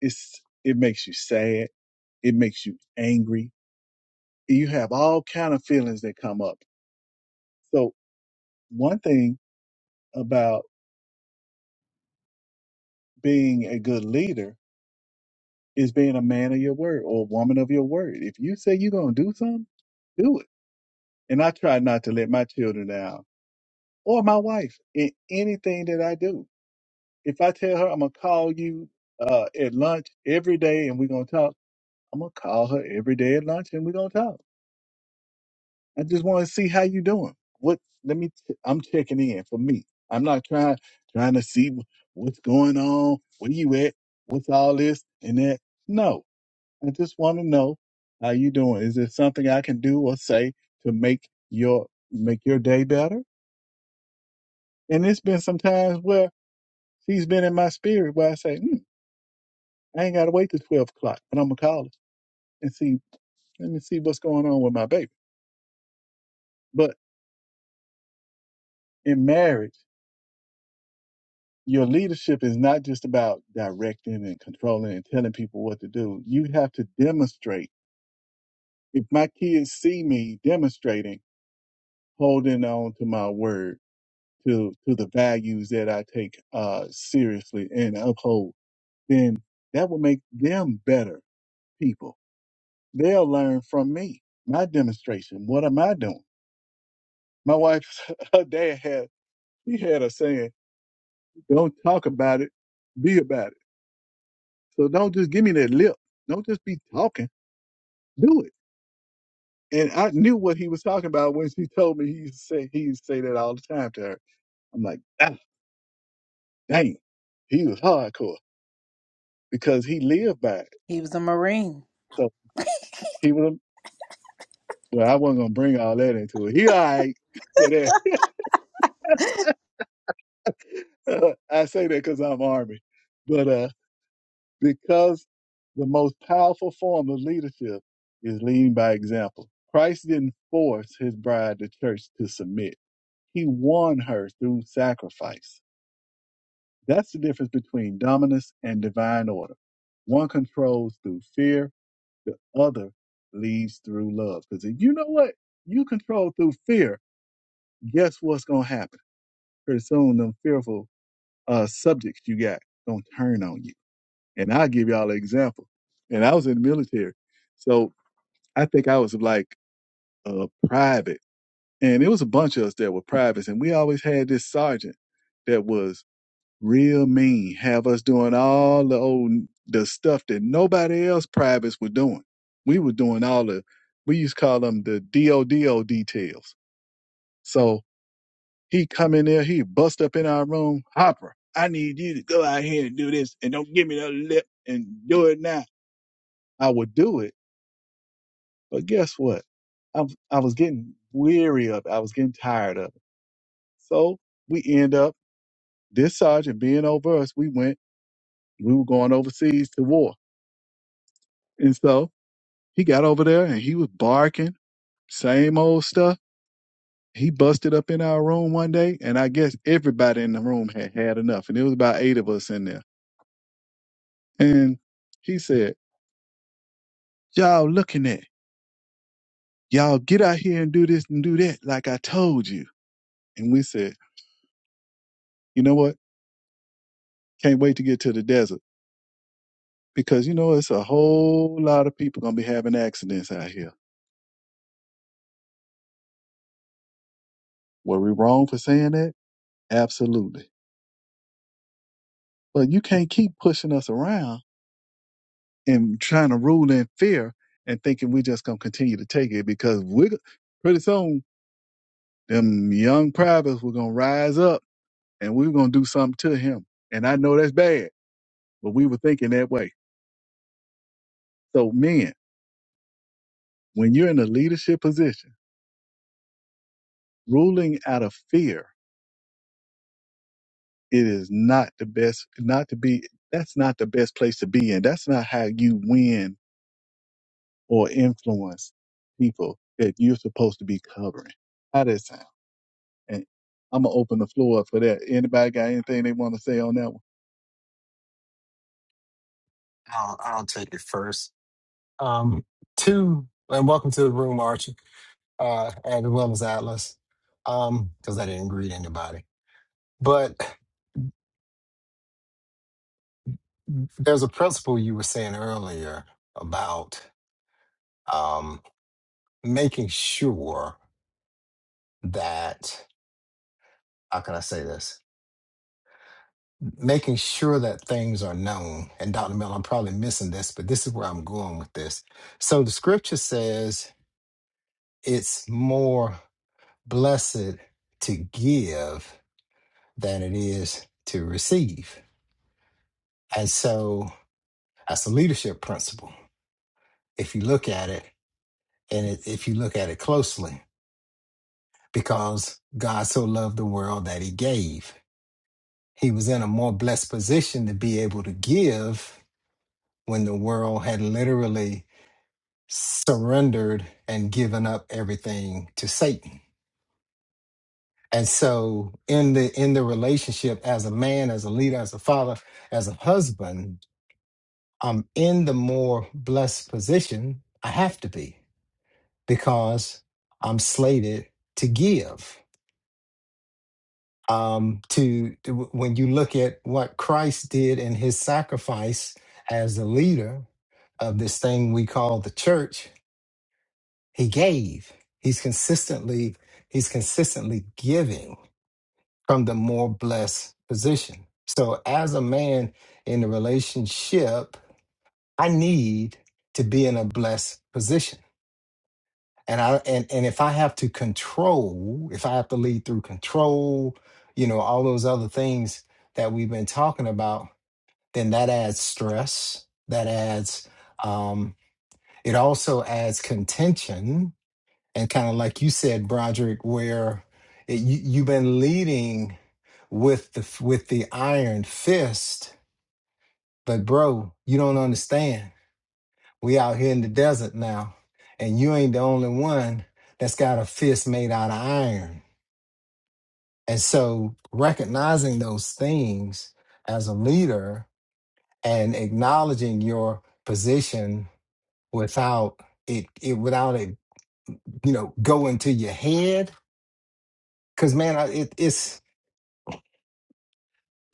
S2: it's, it makes you sad. It makes you angry. You have all kind of feelings that come up. So one thing about being a good leader is being a man of your word or a woman of your word. If you say you're going to do something, do it. And I try not to let my children down or my wife in anything that I do. If I tell her I'm going to call you uh, at lunch every day and we're going to talk, I'm going to call her every day at lunch and we're going to talk. I just want to see how you doing. What, let me, i am checking in for me. I'm not trying, trying to see wh- what's going on. Where you at? What's all this and that? No, I just want to know how you doing. Is there something I can do or say to make your make your day better? And it's been some times where she's been in my spirit where I say, hmm, I ain't gotta wait till twelve o'clock, but I'm gonna call her and see let me see what's going on with my baby. But in marriage, your leadership is not just about directing and controlling and telling people what to do. You have to demonstrate. If my kids see me demonstrating, holding on to my word to to the values that I take uh, seriously and uphold, then that will make them better people. They'll learn from me, my demonstration. What am I doing? My wife, her dad had he had a saying, "Don't talk about it, be about it." So don't just give me that lip. Don't just be talking. Do it. And I knew what he was talking about when she told me he used to say he used to say that all the time to her. I'm like, ah, dang, he was hardcore because he lived by it.
S1: He was a Marine.
S2: So he was. Well, I wasn't gonna bring all that into it. He all right for that. I say that because I'm army, but uh, because the most powerful form of leadership is leading by example. Christ didn't force his bride, the church, to submit. He won her through sacrifice. That's the difference between dominance and divine order. One controls through fear, the other leads through love. Because if you know what you control through fear, guess what's gonna happen? Pursue them fearful uh, subjects you got. Don't turn on you. And I'll give y'all an example. And I was in the military. So I think I was like a private. And it was a bunch of us that were privates. And we always had this sergeant that was real mean, have us doing all the old the stuff that nobody else privates were doing. We were doing all the we used to call them the DODO details. So He come in there, he bust up in our room. Hopper, I need you to go out here and do this and don't give me no lip and do it now. I would do it. But guess what? I'm, I was getting weary of it. I was getting tired of it. So we end up, this sergeant being over us, we went, we were going overseas to war. And so he got over there and he was barking, same old stuff. He busted up in our room one day, and I guess everybody in the room had had enough. And it was about eight of us in there. And he said, y'all looking at? Y'all get out here and do this and do that, like I told you. And we said, you know what? Can't wait to get to the desert because you know it's a whole lot of people gonna be having accidents out here. Were we wrong for saying that? Absolutely. But you can't keep pushing us around and trying to rule in fear and thinking we're just gonna continue to take it because we are pretty soon them young privates were gonna rise up and we were gonna do something to him. And I know that's bad, but we were thinking that way. So men. when you're in a leadership position, ruling out of fear, it is not the best, not to be, that's not the best place to be in. That's not how you win or influence people that you're supposed to be covering. How that sound? And I'm going to open the floor up for that. Anybody got anything they want to say on that one?
S3: i'll, I'll take it first um two and welcome to the room archie uh and as well as atlas um because i didn't greet anybody but there's a principle you were saying earlier about Um, making sure that how can I say this? Making sure that things are known. And Dr. Mel, I'm probably missing this, but this is where I'm going with this. So the scripture says it's more blessed to give than it is to receive. And so that's a leadership principle. If you look at it and it, if you look at it closely, because God so loved the world that he gave. he was in a more blessed position to be able to give when the world had literally surrendered and given up everything to satan and so in the in the relationship as a man as a leader as a father as a husband i'm in the more blessed position i have to be because i'm slated to give um, to, to- when you look at what Christ did in his sacrifice as the leader of this thing we call the church, he gave. He's consistently he's consistently giving from the more blessed position. So as a man in a relationship, I need to be in a blessed position. and I and and if I have to control, if I have to lead through control, you know, all those other things that we've been talking about, then that adds stress. That adds um it also adds contention and kind of like you said, Broderick, where it, you, you've been leading with the with the iron fist, but bro, you don't understand we out here in the desert now, and you ain't the only one that's got a fist made out of iron. And so recognizing those things as a leader and acknowledging your position without it, it without it, you know, going to your head. Cause man, I- it, it's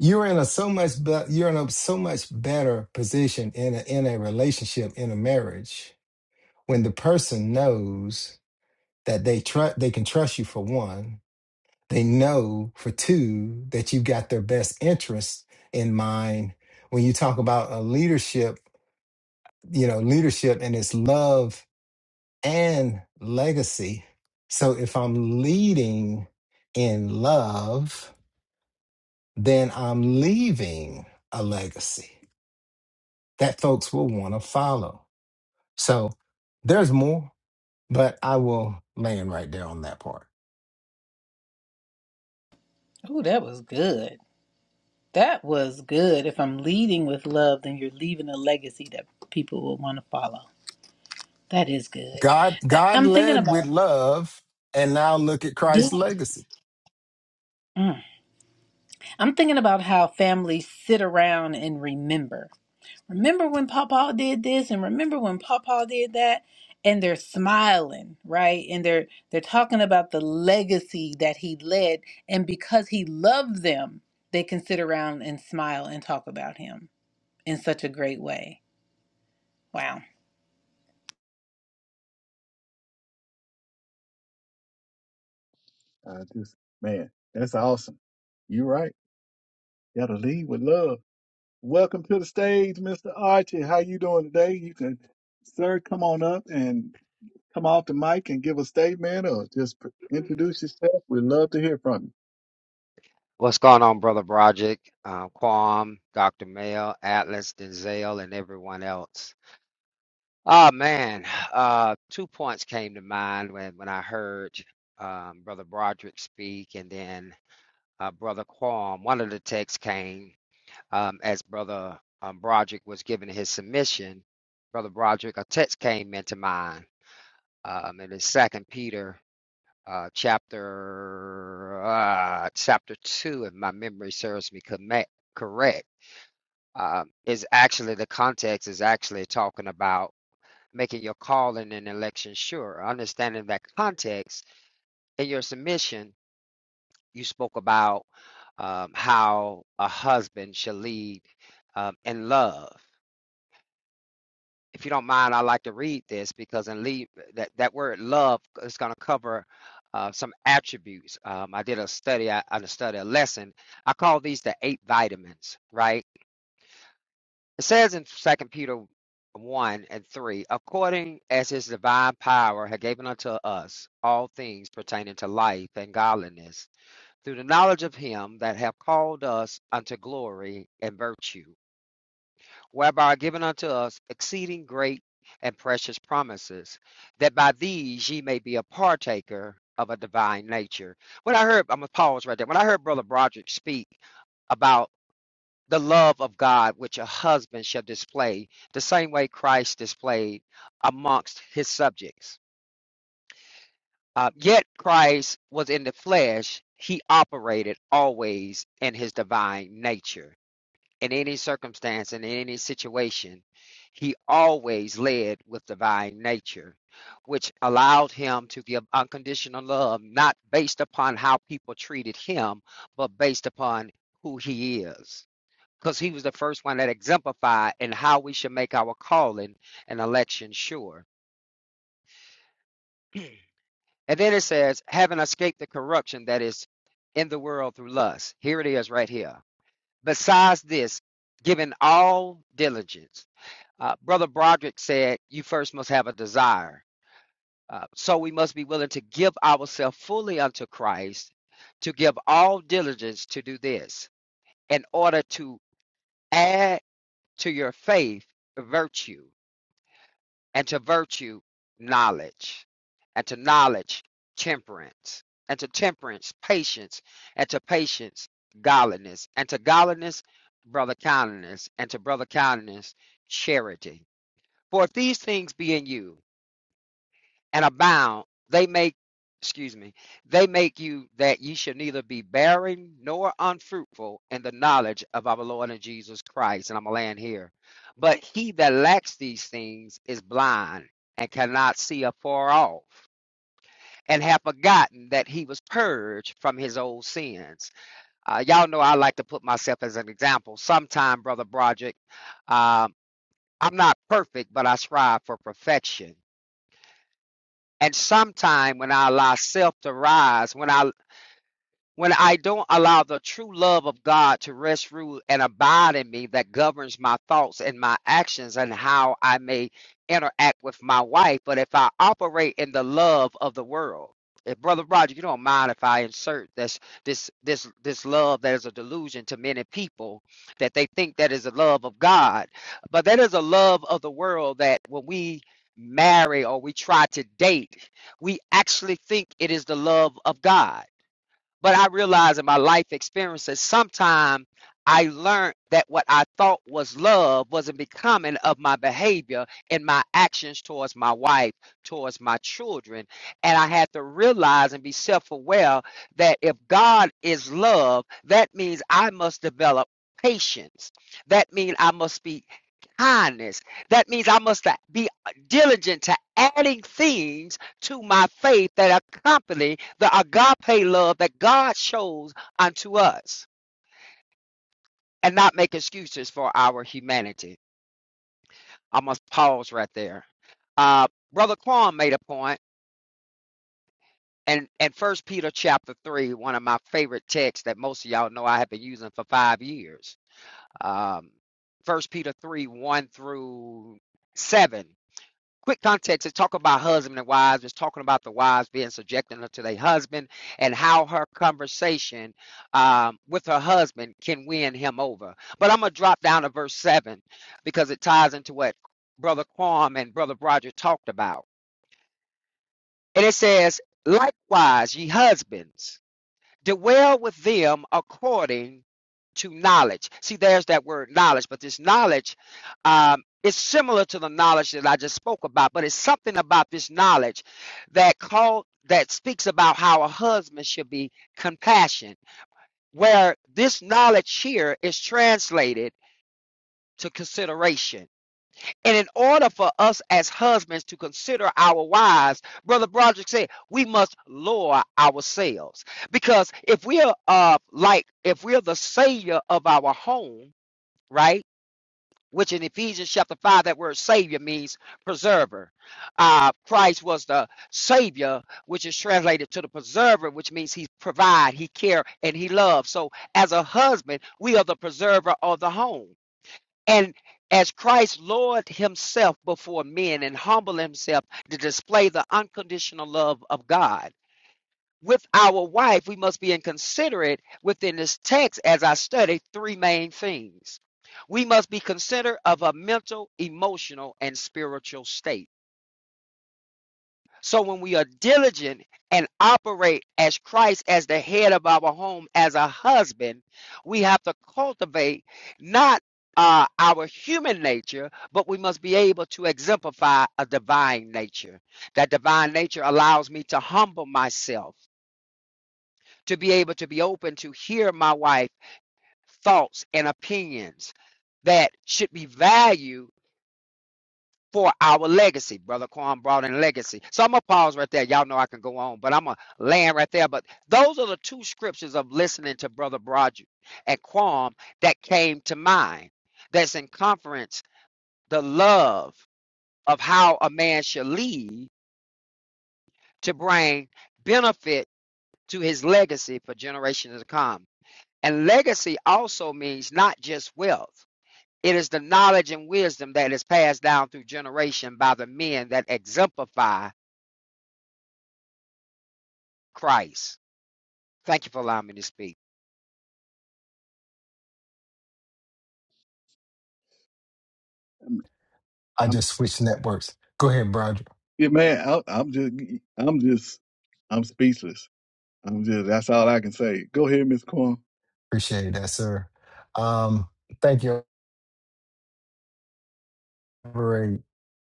S3: you're in a so much be- you're in a so much better position in a, in a relationship in a marriage when the person knows that they trust they can trust you for one They know for two that you've got their best interests in mind. When you talk about a leadership, you know, leadership and its love and legacy. So if I'm leading in love, then I'm leaving a legacy that folks will want to follow. So there's more, but I will land right there on that part.
S1: Ooh, that was good. That was good. If I'm leading with love, then you're leaving a legacy that people will want to follow. That is good.
S3: God,
S1: I-
S3: God
S1: I'm thinking
S3: led with
S1: about.
S3: love, and now look at
S1: Yeah.
S3: Christ's legacy.
S1: I'm thinking about how families sit around and remember. Remember when Papa did this and remember when Papa did that and they're smiling, right? And they're they're talking about the legacy that he led and because he loved them, they can sit around and smile and talk about him in such a great way. Wow.
S2: I just, man, that's awesome. You're right. Got to lead with love. Welcome to the stage, Mr. Archie. How you doing today? You can, sir, come on up and come off the mic and give a statement or just pr- introduce yourself. We'd love to hear from you.
S6: What's going on, Brother Broderick, uh, Quam, Dr. Mail, Atlas, Denzel, and everyone else? Ah man, uh, two points came to mind when, when I heard um, Brother Broderick speak, and then uh, Brother Quam. One of the texts came um, as Brother um, Broderick was giving his submission. Brother Broderick, a text came into mind, um, and it's Second Peter uh, chapter uh, chapter two, if my memory serves me comme- correct, um, is actually the context is actually talking about making your call in an election sure. Understanding that context in your submission, you spoke about um, how a husband should lead um, in love. if you don't mind, I'd like to read this because in lead that, that word love is going to cover uh, some attributes. Um, I did a study, I, I studied a lesson. I call these the eight vitamins, right? It says in Second Peter one and three, according as his divine power had given unto us all things pertaining to life and godliness, through the knowledge of him that have called us unto glory and virtue whereby are given unto us exceeding great and precious promises, that by these ye may be a partaker of a divine nature. When I heard, I'm gonna pause right there. When I heard Brother Broderick speak about the love of God which a husband shall display, the same way Christ displayed amongst his subjects. Uh, yet Christ was in the flesh, he operated always in his divine nature in any circumstance and in any situation, he always led with divine nature, which allowed him to give unconditional love, not based upon how people treated him, but based upon who he is. Because he was the first one that exemplified in how we should make our calling and election sure. And then it says, having escaped the corruption that is in the world through lust. Here it is right here. Besides this, giving all diligence Uh, Brother Broderick said, You first must have a desire. Uh, so we must be willing to give ourselves fully unto Christ, to give all diligence to do this, in order to add to your faith virtue, and to virtue, knowledge, and to knowledge, temperance, and to temperance, patience, and to patience, godliness, and to godliness, brother kindness, and to brother kindness, charity. For if these things be in you, and abound, they make, excuse me, they make you that ye should neither be barren nor unfruitful in the knowledge of our Lord and Jesus Christ. And I'm going to land here. But he that lacks these things is blind and cannot see afar off. And have forgotten that he was purged from his old sins. Uh, y'all know I like to put myself as an example. Sometime, Brother Broderick, um, I'm not perfect, but I strive for perfection. And sometime when I allow self to rise, when I when I don't allow the true love of God to rest, rule, and abide in me that governs my thoughts and my actions and how I may interact with my wife. But if I operate in the love of the world, if Brother Roger, you don't mind if I insert this this this this love that is a delusion to many people that they think that is the love of God, but that is a love of the world that when we marry or we try to date, we actually think it is the love of God but I realized in my life experiences, sometimes I learned that what I thought was love wasn't becoming of my behavior and my actions towards my wife, towards my children. And I had to realize and be self aware that if God is love, that means I must develop patience. That means I must be kindness. That means I must be diligent to adding things to my faith that accompany the agape love that God shows unto us and not make excuses for our humanity. I must pause right there. Uh, Brother Quan made a point, and, and First Peter chapter 3, one of my favorite texts that most of y'all know I have been using for five years. Um, First Peter 3, 1 through 7 quick context is talk about husband and wives it's talking about the wives being subjecting her to their husband and how her conversation um, with her husband can win him over but i'm gonna drop down to verse 7 because it ties into what brother quam and brother roger talked about and it says likewise ye husbands dwell with them according to knowledge. See, there's that word knowledge, but this knowledge um, is similar to the knowledge that I just spoke about, but it's something about this knowledge that called that speaks about how a husband should be compassionate, where this knowledge here is translated to consideration. And in order for us as husbands to consider our wives, Brother Broderick said, we must lower ourselves. Because if we're uh like if we're the savior of our home, right? Which in Ephesians chapter 5, that word savior means preserver. Uh, Christ was the savior, which is translated to the preserver, which means he provide, he care, and he loves. So as a husband, we are the preserver of the home and as Christ lowered himself before men and humbled himself to display the unconditional love of God. With our wife, we must be inconsiderate within this text as I study three main things. We must be considerate of her mental, emotional, and spiritual state. So when we are diligent and operate as Christ as the head of our home, as a husband, we have to cultivate not uh, our human nature, but we must be able to exemplify a divine nature. That divine nature allows me to humble myself, to be able to be open to hear my wife's thoughts and opinions that should be valued for our legacy. Brother Quan brought in legacy. So I'm going to pause right there. Y'all know I can go on, but I'm going to land right there. But those are the two scriptures of listening to Brother Broderick and Quam that came to mind. That's in conference, the love of how a man should lead to bring benefit to his legacy for generations to come. And legacy also means not just wealth. It is the knowledge and wisdom that is passed down through generation by the men that exemplify Christ. Thank you for allowing me to speak.
S2: I'm,
S3: I
S2: I'm,
S3: just switched networks. Go ahead, Broderick.
S2: yeah, man, I, I'm just, I'm just, I'm speechless. I'm just, that's all I can say. Go ahead, Miss Corn.
S3: Appreciate that, sir. Um, thank you. Elaborate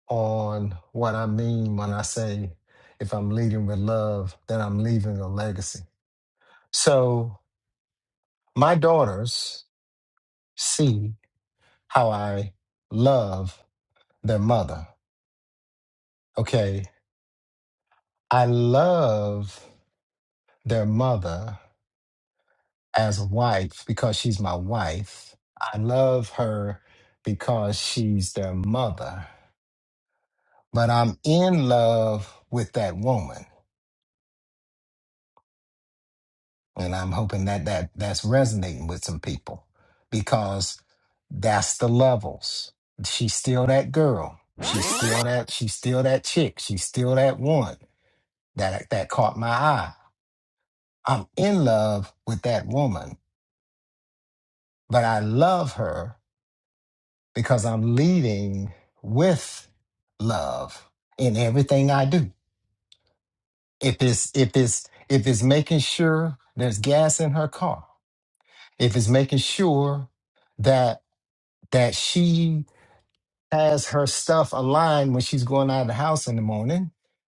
S3: on what I mean when I say if I'm leading with love, then I'm leaving a legacy. So my daughters see how I love their mother. Okay. I love their mother as a wife because she's my wife. I love her because she's their mother. but I'm in love with that woman, and I'm hoping that that that's resonating with some people because that's the levels. She's still that girl. She's still that. She's still that chick. She's still that one that that caught my eye. I'm in love with that woman, but I love her because I'm leading with love in everything I do. If it's if it's if it's making sure there's gas in her car, if it's making sure that that she has her stuff aligned when she's going out of the house in the morning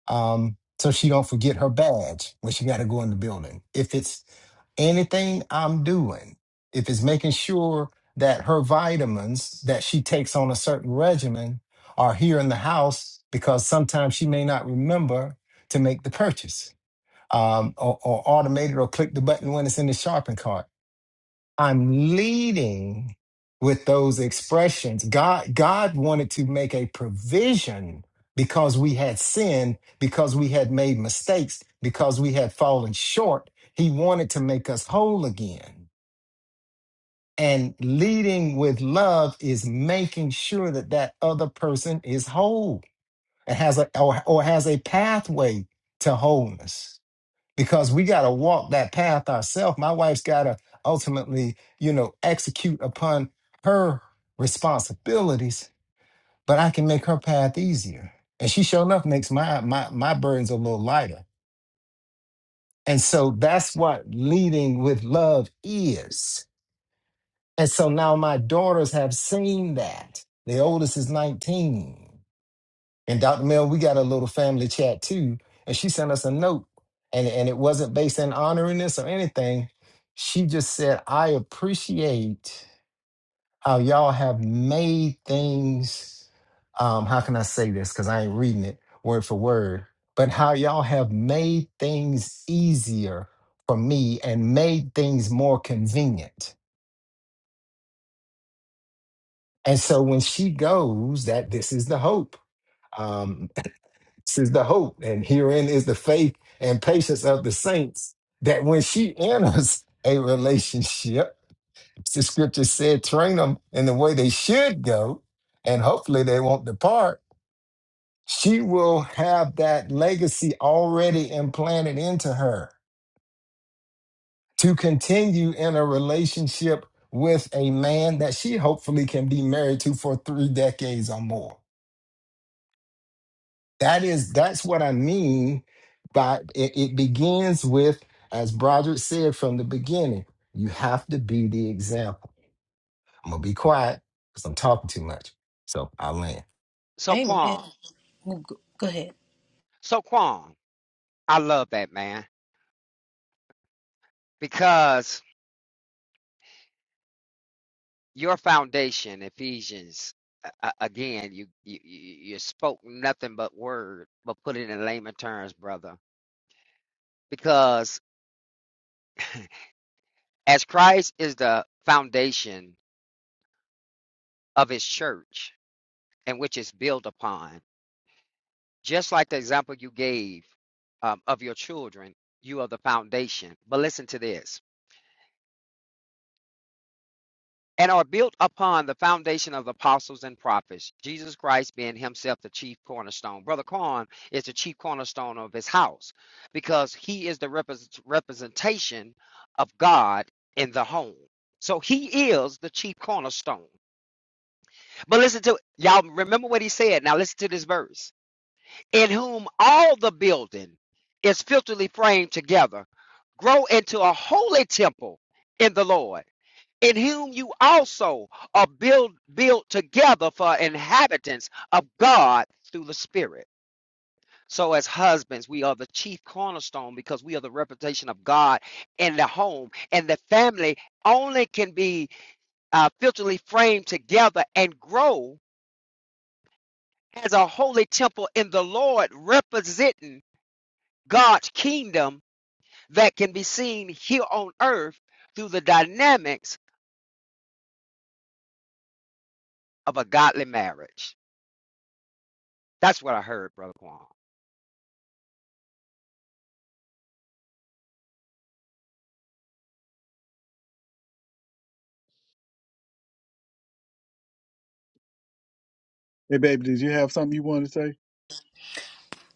S3: um so she don't forget her badge when she got to go in the building if it's anything i'm doing if it's making sure that her vitamins that she takes on a certain regimen are here in the house because sometimes she may not remember to make the purchase um, or, or automate it or click the button when it's in the shopping cart I'm leading with those expressions. God, God wanted to make a provision because we had sinned, because we had made mistakes, because we had fallen short. He wanted to make us whole again. And leading with love is making sure that that other person is whole and has a or, or has a pathway to wholeness because we got to walk that path ourselves. My wife's got to ultimately, you know, execute upon her responsibilities, but I can make her path easier. And she sure enough makes my my my burdens a little lighter. And so that's what leading with love is. And so now my daughters have seen that. The oldest is 19. And Dr. Mel, we got a little family chat too. And she sent us a note. And, and it wasn't based on honoring this or anything. She just said, I appreciate how y'all have made things. Um, how can I say this? Because I ain't reading it word for word, but how y'all have made things easier for me and made things more convenient. And so when she goes, that this is the hope. Um, This is the hope, and herein is the faith and patience of the saints that when she enters a relationship, the scripture said, train them in the way they should go, and hopefully they won't depart. She will have that legacy already implanted into her to continue in a relationship with a man that she hopefully can be married to for three decades or more. that is that's what i mean by it, it begins with as broderick said from the beginning you have to be the example i'm gonna be quiet because i'm talking too much so i land
S6: So
S1: Amen.
S6: Quan,
S1: Go go ahead.
S6: so Quan, I love that man because your foundation, Ephesians. a- a- Again, you, you you you spoke nothing but word, but put it in layman terms, brother. Because as Christ is the foundation of His church, and which is built upon, just like the example you gave um, of your children, you are the foundation. But listen to this: and are built upon the foundation of the apostles and prophets, Jesus Christ being himself the chief cornerstone. Brother Corn is the chief cornerstone of his house because he is the repres representation of God in the home. So he is the chief cornerstone. But listen to y'all remember what he said. Now listen to this verse. In whom all the building is fitly framed together, grow into a holy temple in the Lord in whom you also are built built together for inhabitants of God through the Spirit. So as husbands, we are the chief cornerstone because we are the reputation of God in the home and the family only can be uh, filterly framed together and grow as a holy temple in the Lord representing God's kingdom that can be seen here on earth through the dynamics of a godly marriage. That's what I heard, Brother Quan.
S2: Hey, baby, did you have something you wanted to say?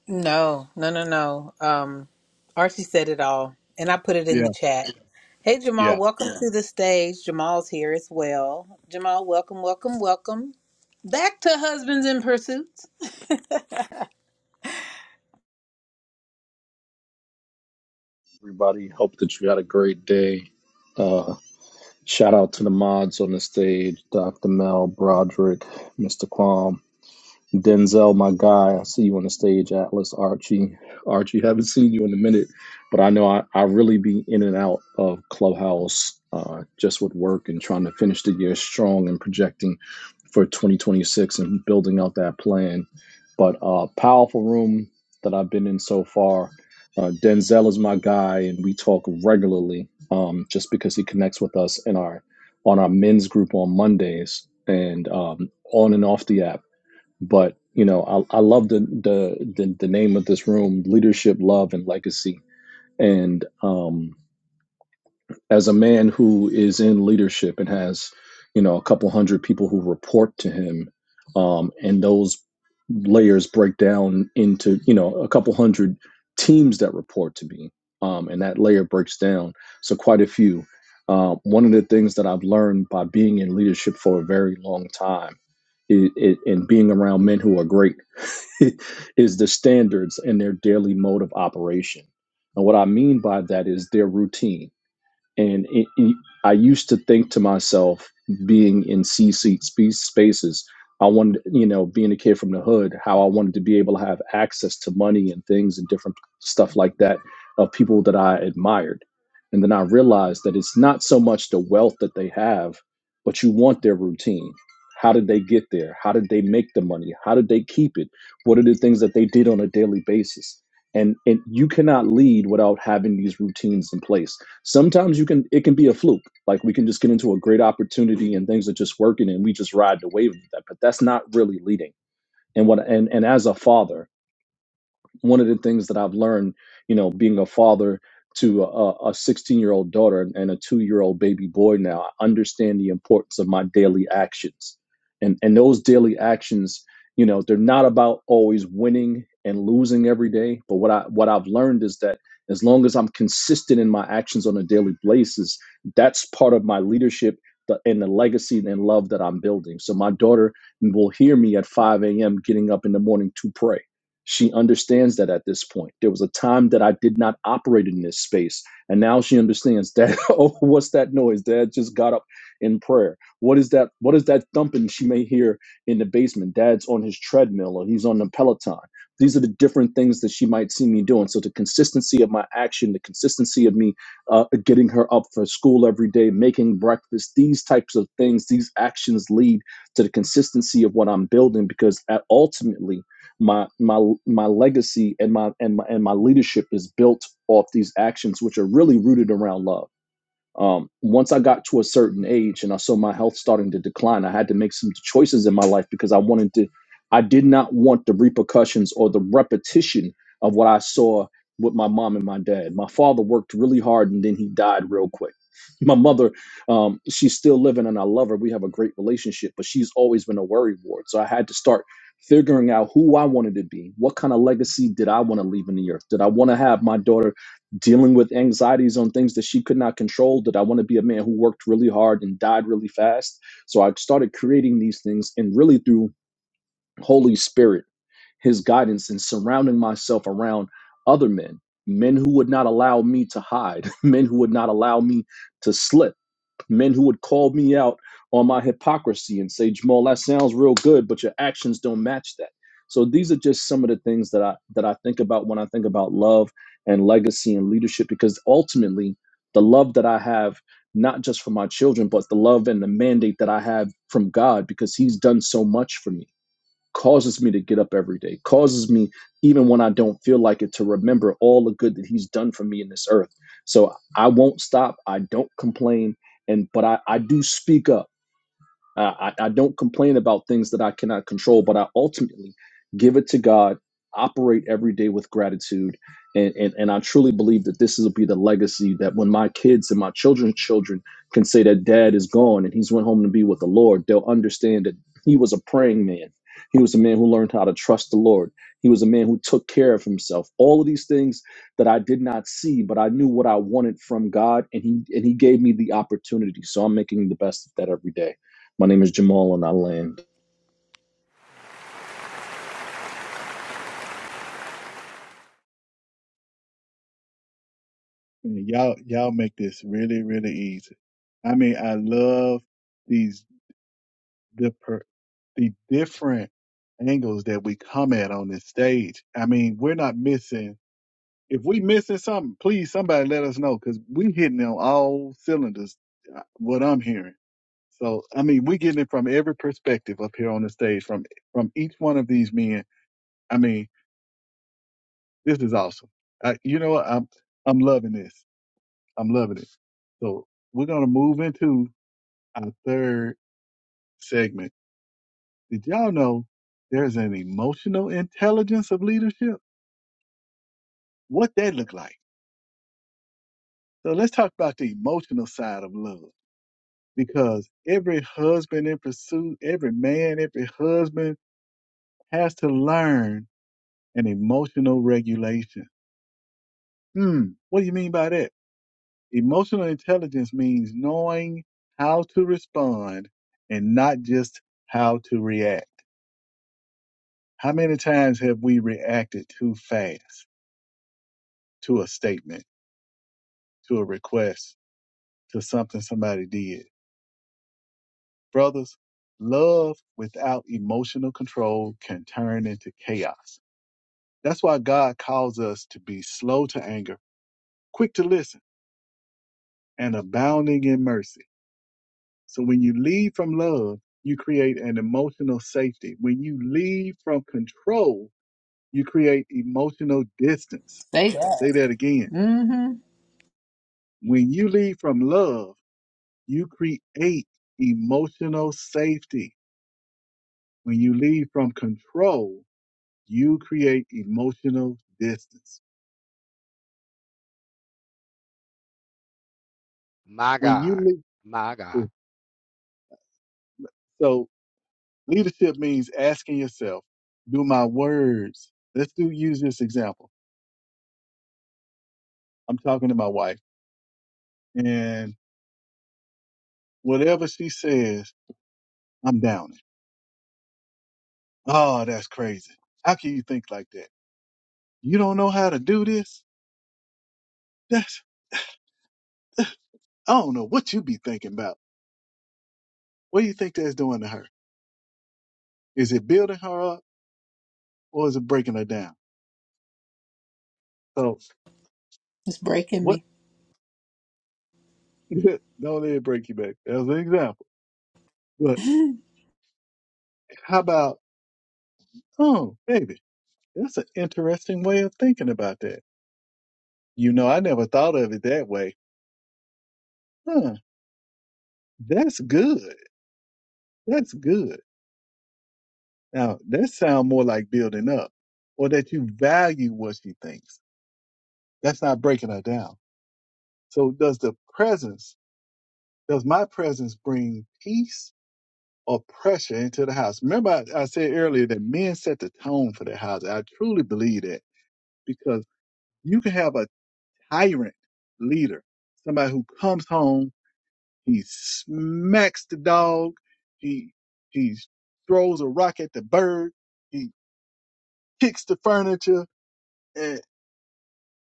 S1: No, no, no, no. Um, Archie said it all, and I put it in
S2: Yeah,
S1: the chat. Hey, Jamal,
S2: yeah.
S1: welcome to the stage. Jamal's here as well. Jamal, welcome, welcome, welcome back to Husbands in Pursuits.
S7: everybody. Hope that you had a great day. Uh, shout out to the mods on the stage, Dr. Mel, Broderick, Mr. Qualm. Denzel, my guy, I see you on the stage, Atlas, Archie. Archie, haven't seen you in a minute, but I know I, I really be in and out of Clubhouse uh, just with work and trying to finish the year strong and projecting for 2026 and building out that plan. But uh, powerful room that I've been in so far. Uh, Denzel is my guy, and we talk regularly um, just because he connects with us in our on our men's group on Mondays and um, on and off the app. But you know, I, I love the, the the the name of this room: leadership, love, and legacy. And um, as a man who is in leadership and has, you know, a couple hundred people who report to him, um, and those layers break down into you know a couple hundred teams that report to me, um, and that layer breaks down. So quite a few. Uh, one of the things that I've learned by being in leadership for a very long time it, it, and being around men who are great is the standards and their daily mode of operation. And what I mean by that is their routine and it, it- I used to think to myself, being in C seat spe- spaces, I wanted, you know, being a kid from the hood, how I wanted to be able to have access to money and things and different stuff like that of people that I admired. And then I realized that it's not so much the wealth that they have, but you want their routine. How did they get there? How did they make the money? How did they keep it? What are the things that they did on a daily basis? And and you cannot lead without having these routines in place Sometimes you can it can be a fluke. Like we can just get into a great opportunity and things are just working and we just ride the wave of that. But that's not really leading. And what and and as a father, one of the things that I've learned, you know, being a father to a 16 year old daughter and a two year old baby boy now, I understand the importance of my daily actions. And, and those daily actions, you know, they're not about always winning and losing every day. But what I what I've learned is that as long as I'm consistent in my actions on a daily basis, that's part of my leadership the- and the legacy and love that I'm building. So my daughter will hear me at 5 a.m. getting up in the morning to pray she understands that at this point. There was a time that I did not operate in this space. And now she understands that, oh, what's that noise? Dad just got up in prayer. What is that? What is that thumping she may hear in the basement? Dad's on his treadmill or he's on the Peloton. These are the different things that she might see me doing. So the consistency of my action, the consistency of me uh, getting her up for school every day, making breakfast, these types of things, these actions lead to the consistency of what I'm building because at, ultimately my my my legacy and my and my and my leadership is built off these actions which are really rooted around love um, once I got to a certain age and I saw my health starting to decline, I had to make some choices in my life because I wanted to, I did not want the repercussions or the repetition of what I saw with my mom and my dad. My father worked really hard and then he died real quick. My mother, um, she's still living and I love her. We have a great relationship, but she's always been a worry ward. So I had to start figuring out who I wanted to be. What kind of legacy did I want to leave in the earth? Did I want to have my daughter? dealing with anxieties on things that she could not control that i want to be a man who worked really hard and died really fast so i started creating these things and really through holy spirit his guidance and surrounding myself around other men men who would not allow me to hide men who would not allow me to slip men who would call me out on my hypocrisy and say, Jamal, that sounds real good, but your actions don't match that. So these are just some of the things that I that I think about when I think about love and legacy and leadership, because ultimately the love that I have, not just for my children, but the love and the mandate that I have from God, because He's done so much for me causes me to get up every day, causes me, even when I don't feel like it, to remember all the good that He's done for me in this earth. So I won't stop. I don't complain, and but I, I do speak up. Uh, I, I don't complain about things that I cannot control, but I ultimately give it to God, operate every day with gratitude. And, and, and I truly believe that this will be the legacy that when my kids and my children's children can say that dad is gone and he's went home to be with the Lord, they'll understand that he was a praying man. He was a man who learned how to trust the Lord. He was a man who took care of himself. All of these things that I did not see, but I knew what I wanted from God, and he and he gave me the opportunity. So I'm making the best of that every day. My name is Jamal, and I land.
S2: Man, y'all, y'all make this really, really easy. I mean, I love these the per, the different angles that we come at on this stage. I mean, we're not missing if we missing something, please somebody let us know because we hitting on all cylinders. uh, What I'm hearing, so I mean, we getting it from every perspective up here on the stage from from each one of these men. I mean, this is awesome. I, you know, what? I'm I'm loving this. I'm loving it. So we're gonna move into our third segment. Did y'all know there's an emotional intelligence of leadership? What that look like? So let's talk about the emotional side of love. because every husband in pursuit, every man, every husband has to learn an emotional regulation. Hmm, what do you mean by that? Emotional intelligence means knowing how to respond and not just how to react. How many times have we reacted too fast to a statement, to a request, to something somebody did? Brothers, love without emotional control can turn into chaos That's why God calls us to be slow to anger, quick to listen, and abounding in mercy. So when you lead from love, you create an emotional safety. When you lead from control, you create emotional distance.
S1: Stay
S2: I
S1: Yeah.
S2: say that again.
S1: Mm-hmm.
S2: When you lead from love, you create emotional safety. When you lead from control, you create emotional distance.
S6: My
S2: When
S6: God.
S2: you
S6: My God.
S2: lead, so Leadership means asking yourself, do my words, let's do use this example. I'm talking to my wife and whatever she says, I'm down it. Oh, that's crazy. How can you think like that? You don't know how to do this? That's, I don't know what you be thinking about. What do you think that's doing to her? Is it building her up or is it breaking her down? So
S1: It's breaking
S2: what? don't let it break you back. That was an example. But
S1: me.
S2: how about, oh, baby, that's an interesting way of thinking about that You know, I never thought of it that way. Huh, that's good. That's good. Now, that sound more like building up or that you value what she thinks. That's not breaking her down. So does the presence, does my presence bring peace or pressure into the house? Remember, I, I said earlier that men set the tone for the house. I truly believe that because you can have a tyrant leader, somebody who comes home He smacks the dog. He he throws a rock at the bird. He kicks the furniture and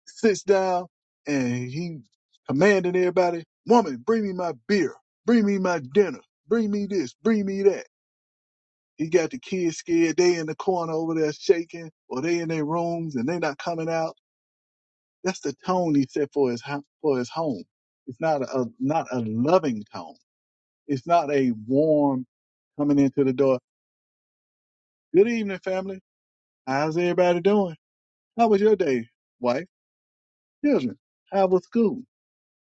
S2: sits down. And he commanded everybody, "Woman, bring me my beer. Bring me my dinner. Bring me this. Bring me that." He got the kids scared. They in the corner over there shaking, or they in their rooms and they not coming out. That's the tone he set for his for his home. It's not a not a loving tone. It's not a warm coming into the door. Good evening, family. How's everybody doing? How was your day, wife, children? How was school?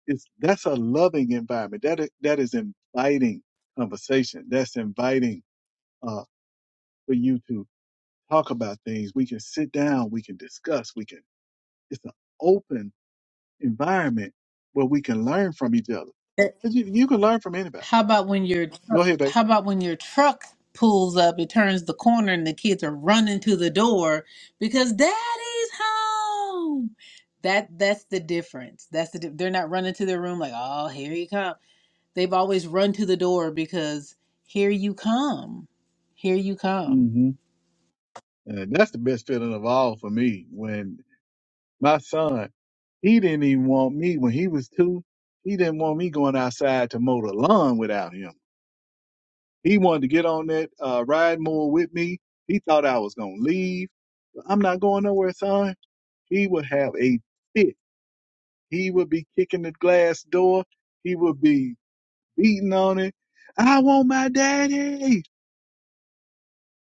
S2: It's that's a loving environment. That is, that is inviting conversation. That's inviting uh, for you to talk about things. We can sit down. We can discuss. We can. It's an open environment where we can learn from each other. 'Cause You, you can learn from anybody.
S1: How about when your tr-
S2: Go ahead, babe.
S1: how about when your truck pulls up, it turns the corner and the kids are running to the door because daddy's home. That that's the difference. That's the di- they're not running to their room like, "Oh, here you come." They've always run to the door because here you come. Here you come.
S2: hmm And that's the best feeling of all for me when My son, he didn't even want me when he was two. He didn't want me going outside to mow the lawn without him. He wanted to get on that uh, ride mower with me. He thought I was gonna leave. I'm not going nowhere, son. He would have a fit. He would be kicking the glass door. He would be beating on it. I want my daddy.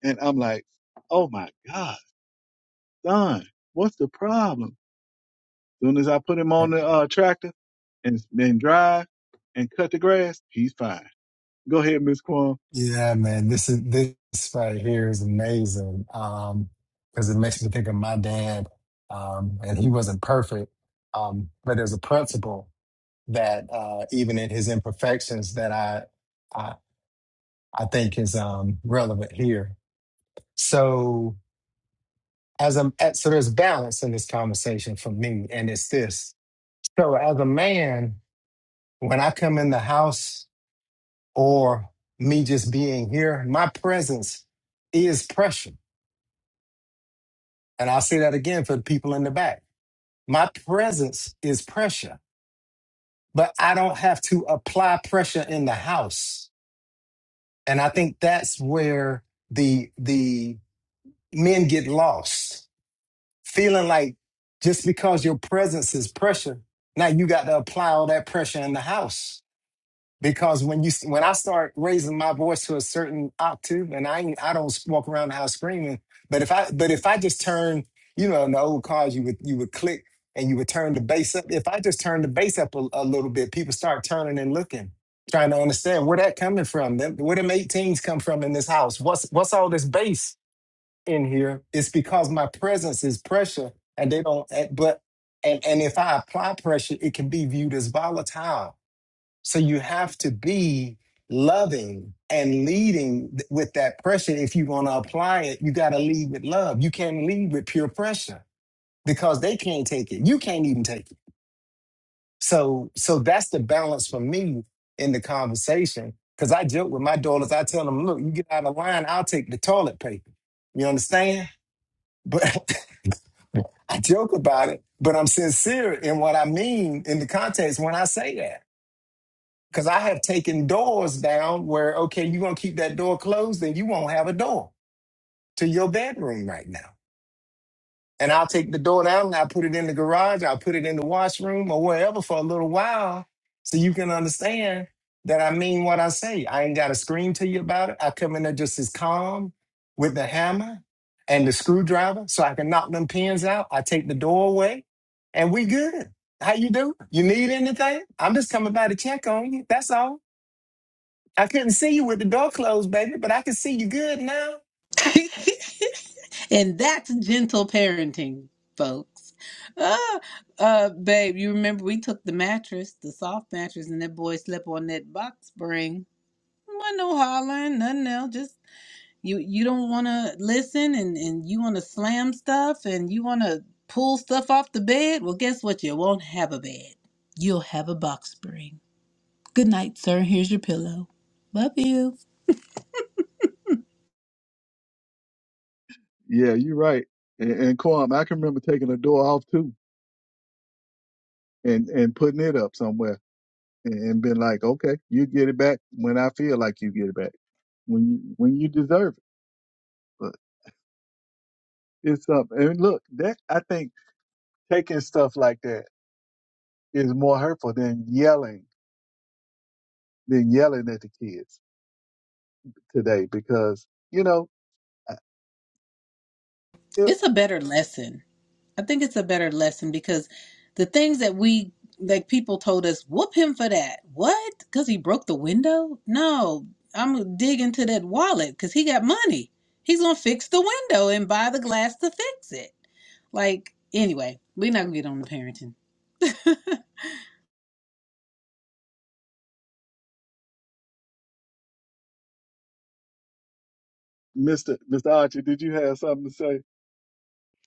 S2: And I'm like, oh my God, son, what's the problem? Soon as I put him on the uh, tractor and then drive and cut the grass, he's fine. Go ahead, Miss Quam.
S3: Yeah, man, this is this right here is amazing. Um, because it makes me think of my dad. Um, and he wasn't perfect. Um, but there's a principle that uh even in his imperfections that I I I think is um relevant here. So as a as- so there's balance in this conversation for me and it's this so as a man when i come in the house or me just being here my presence is pressure and i'll say that again for the people in the back my presence is pressure but i don't have to apply pressure in the house and i think that's where the the men get lost feeling like just because your presence is pressure, now you got to apply all that pressure in the house. Because when you when I start raising my voice to a certain octave, and I ain't, I don't walk around the house screaming, but if I but if I just turn, you know, in the old cars you would you would click and you would turn the bass up. If I just turn the bass up a, a little bit, people start turning and looking, trying to understand where that coming from. Them- Where them 18s come from in this house? What's what's all this bass? in here it's because my presence is pressure and they don't eh, but and and if i apply pressure it can be viewed as volatile so you have to be loving and leading th- with that pressure if you want to apply it you got to lead with love you can't lead with pure pressure because they can't take it you can't even take it so so that's the balance for me in the conversation because i joke with my daughters i tell them look you get out of line i'll take the toilet paper you understand but I joke about it, but I'm sincere in what I mean in the context when I say that. Because I have taken doors down where, okay, you're going to keep that door closed, then you won't have a door to your bedroom right now and I'll take the door down and I'll put it in the garage, I'll put it in the washroom or wherever for a little while so you can understand that I mean what I say. I ain't got to scream to you about it. I come in there just as calm with the hammer and the screwdriver so I can knock them pins out. I take the door away and we good. How you do? You need anything? I'm just coming by to check on you. That's all. I couldn't see you with the door closed, baby, but I can see you good now.
S1: And that's gentle parenting, folks. Uh, uh, babe, you remember we took the mattress, the soft mattress, and that boy slept on that box spring. Wasn't no hollering, nothing else. Just you, you don't want to listen, and and you want to slam stuff, and you want to pull stuff off the bed. Well, guess what? You won't have a bed. You'll have a box spring. Good night, sir. Here's your pillow. Love you.
S2: Yeah, you're right. And, and Quam, I can remember taking a door off too and and putting it up somewhere and, and been like, okay, you get it back when I feel like you get it back when you when you deserve it. But it's up. And look, that I think taking stuff like that is more hurtful than yelling than yelling at the kids today because you know.
S1: It's a better lesson I think it's a better lesson because the things that we like people told us, whoop him for that. What? Because he broke the window? No, I'm gonna dig into that wallet because he got money. He's gonna fix the window and buy the glass to fix it. Like anyway, we're not gonna get on the parenting.
S2: Mr. Mr. Archie, did you have something to say?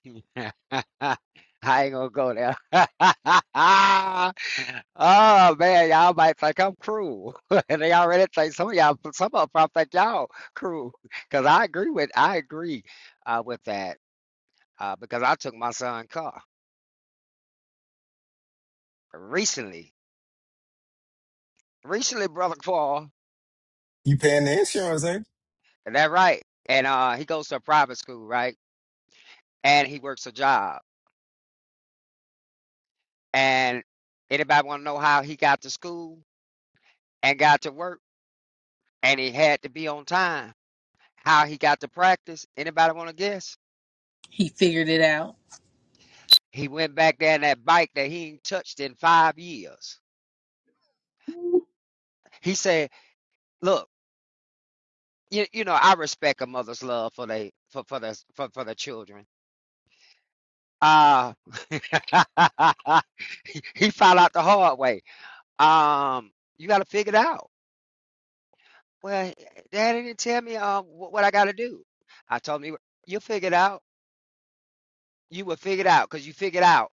S6: I ain't gonna go there. oh man, y'all might think I'm cruel. and they already think some of y'all some of them probably think y'all cruel. Cause I agree with I agree uh, with that. Uh, because I took my son car recently. Recently, brother Paul.
S3: You paying the insurance, ain't
S6: Is that right? And uh he goes to a private school, right? And he works a job. And anybody wanna know how he got to school and got to work? and he had to be on time. How he got to practice? Anybody want to guess?
S1: He figured it out.
S6: He went back there in that bike that he ain't touched in five years. He said, "Look, you, you know I respect a mother's love for they for for the for, for the children." Uh he found out the hard way. Um, you got to figure it out. Well, Daddy didn't tell me um wh- what I got to do. I told him you will figure it out. You will figure it out because you figured out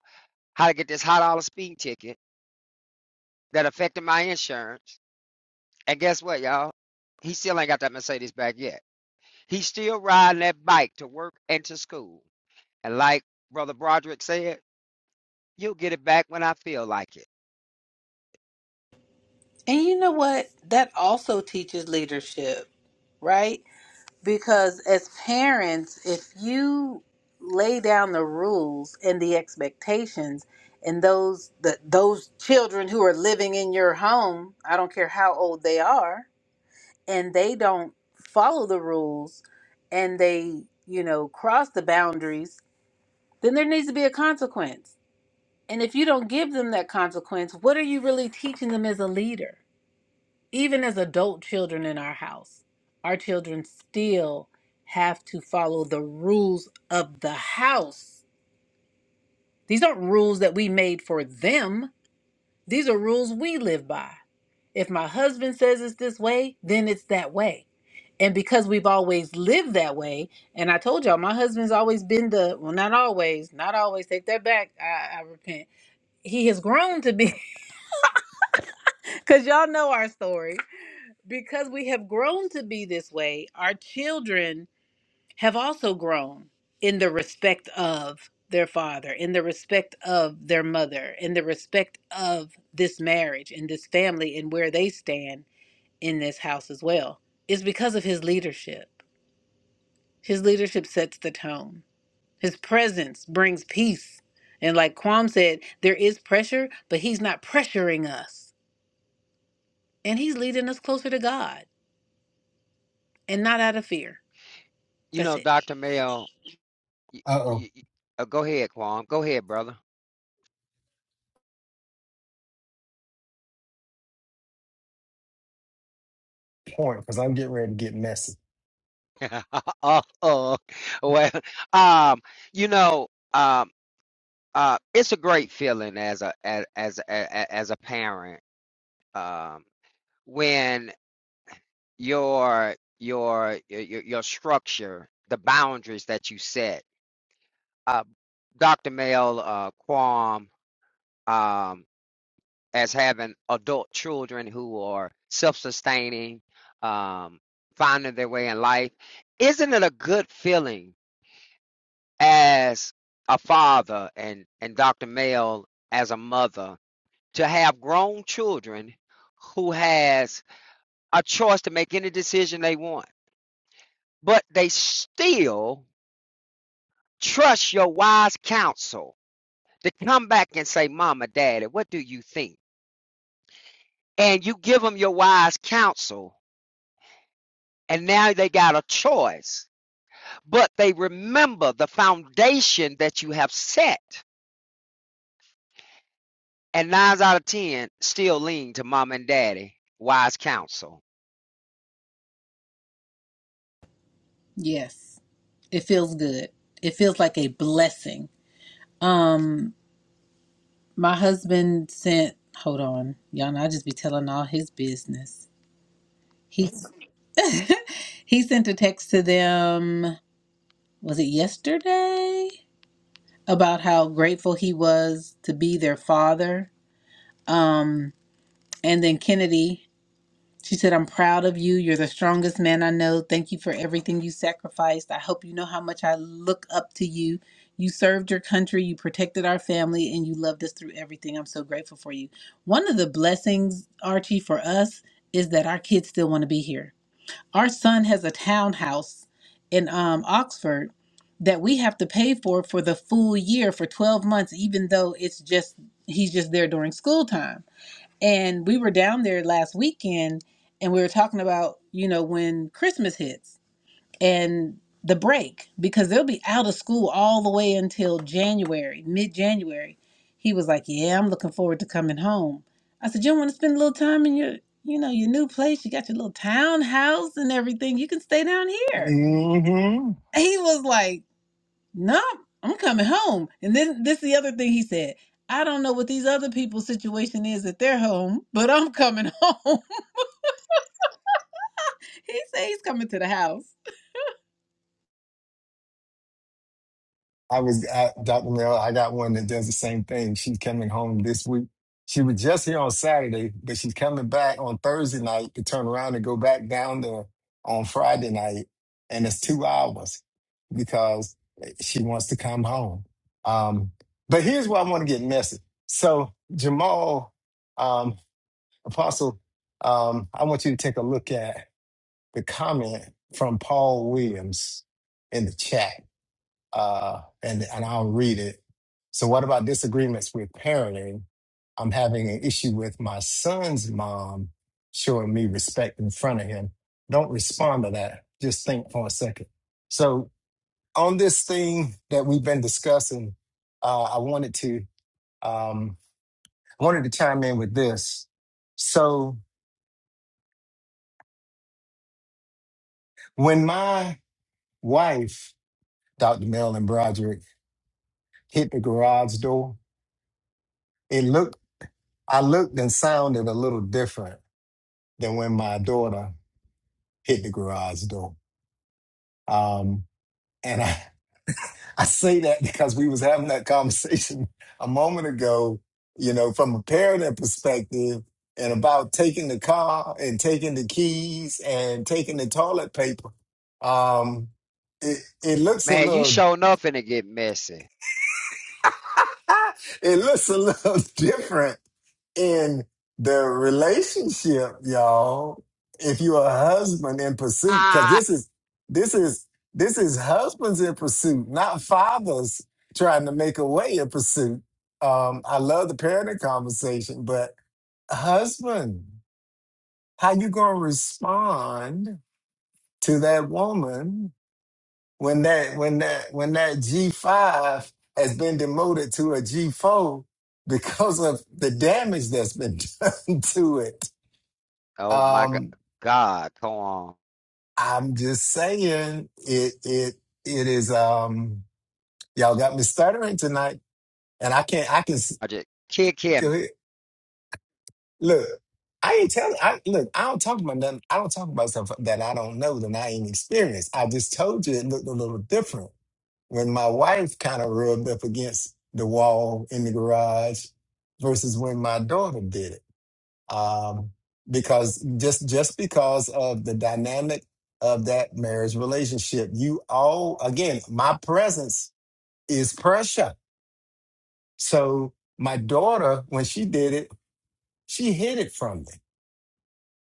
S6: how to get this hot dollar speeding ticket that affected my insurance. And guess what, y'all? He still ain't got that Mercedes back yet. He's still riding that bike to work and to school. And like Brother Broderick said, you'll get it back when I feel like it.
S1: And you know what? That also teaches leadership, right? Because as parents, if you lay down the rules and the expectations and those the, those children who are living in your home, I don't care how old they are, and they don't follow the rules and they, you know, cross the boundaries, then there needs to be a consequence. And if you don't give them that consequence, what are you really teaching them as a leader? even as adult children in our house, our children still have to follow the rules of the house. These aren't rules that we made for them, these are rules we live by. If my husband says it's this way, then it's that way. And because we've always lived that way, and I told y'all, my husband's always been the, well, not always, not always, take that back. I, I repent. He has grown to be, because y'all know our story. Because we have grown to be this way, our children have also grown in the respect of their father, in the respect of their mother, in the respect of this marriage and this family and where they stand in this house as well. It's because of his leadership. His leadership sets the tone, his presence brings peace. And like Kwam said, there is pressure, but he's not pressuring us. And he's leading us closer to God and not out of fear.
S6: You
S1: That's
S6: know,
S1: it.
S6: Dr. Mel, y
S3: you? Uh-oh.
S6: y uh, go ahead, Kwam. Go ahead, brother.
S3: Point, because I'm getting ready to get messy.
S6: uh, uh, well, um, you know, um, uh, it's a great feeling as a as as a- a- as a parent um, when your your your your structure, the boundaries that you set. Uh, Dr. Mel uh, Quam um, as having adult children who are self-sustaining, um, finding their way in life, isn't it a good feeling as a father and and Dr. Mel as a mother to have grown children who has a choice to make any decision they want, but they still Trust your wise counsel to come back and say, Mama, Daddy, what do you think? And you give them your wise counsel, and now they got a choice. But they remember the foundation that you have set. And nines out of 10 still lean to mom and daddy, wise counsel.
S1: Yes, it feels good. It feels like a blessing Um, my husband sent. Hold on, y'all. Know I just be telling all his business. He he sent a text to them. Was it yesterday about how grateful he was to be their father? Um, and then Kennedy. She said, I'm proud of you. You're the strongest man I know. Thank you for everything you sacrificed. I hope you know how much I look up to you. You served your country, you protected our family, and you loved us through everything. I'm so grateful for you. One of the blessings, Archie, for us is that our kids still want to be here. Our son has a townhouse in um, Oxford that we have to pay for for the full year for 12 months, even though it's just, he's just there during school time and we were down there last weekend and we were talking about, you know, when Christmas hits and the break, because they'll be out of school all the way until January, mid January. He was like, Yeah, I'm looking forward to coming home. I said, You don't want to spend a little time in your, you know, your new place. You got your little townhouse and everything. You can stay down here.
S3: hmm
S1: He was like, No, I'm coming home. And then this is the other thing he said. I don't know what these other people's situation is at their home, but I'm coming home. He said he's coming to the house.
S3: I was at Dr. Mel. I got one that does the same thing. She's coming home this week. She was just here on Saturday, but she's coming back on Thursday night to turn around and go back down there on Friday night. And it's two hours because she wants to come home. Um, but here's where I want to get messy. So, Jamal, um, Apostle, um, I want you to take a look at the comment from Paul Williams in the chat uh, and and I'll read it. So, what about disagreements with parenting? I'm having an issue with my son's mom showing me respect in front of him. Don't respond to that. Just think for a second. So, on this thing that we've been discussing, uh, I wanted to um, I wanted to chime in with this. So, when my wife, Dr. Marilyn Broderick, hit the garage door, it looked I looked and sounded a little different than when my daughter hit the garage door. Um, and I, I say that because we was having that conversation a moment ago, you know, from a parenting perspective and about taking the car and taking the keys and taking the toilet paper. Um, it, it looks a
S6: Man, you
S3: little,
S6: sure enough finna get messy.
S3: it looks a little different in the relationship, y'all, if you're a husband in pursuit, because
S6: Ah,
S3: this is this is this is husbands in pursuit, not fathers trying to make a way in pursuit. Um, I love the parenting conversation, but husband, how you gonna respond to that woman when that when that when that G five has been demoted to a G four because of the damage that's been done to it?
S6: oh my go-
S3: Um,
S6: God, come on.
S3: I'm just saying it it it is um y'all got me stuttering tonight and I can't I can s-
S6: I just kick
S3: go
S6: him
S3: ahead. look I ain't telling I look I don't talk about nothing I don't talk about stuff that I don't know that I ain't experienced. I just told you it looked a little different when my wife kind of rubbed up against the wall in the garage versus when my daughter did it. um, because just just because of the dynamic of that marriage relationship, you all again, my presence is pressure. So my daughter, when she did it, she hid it from me,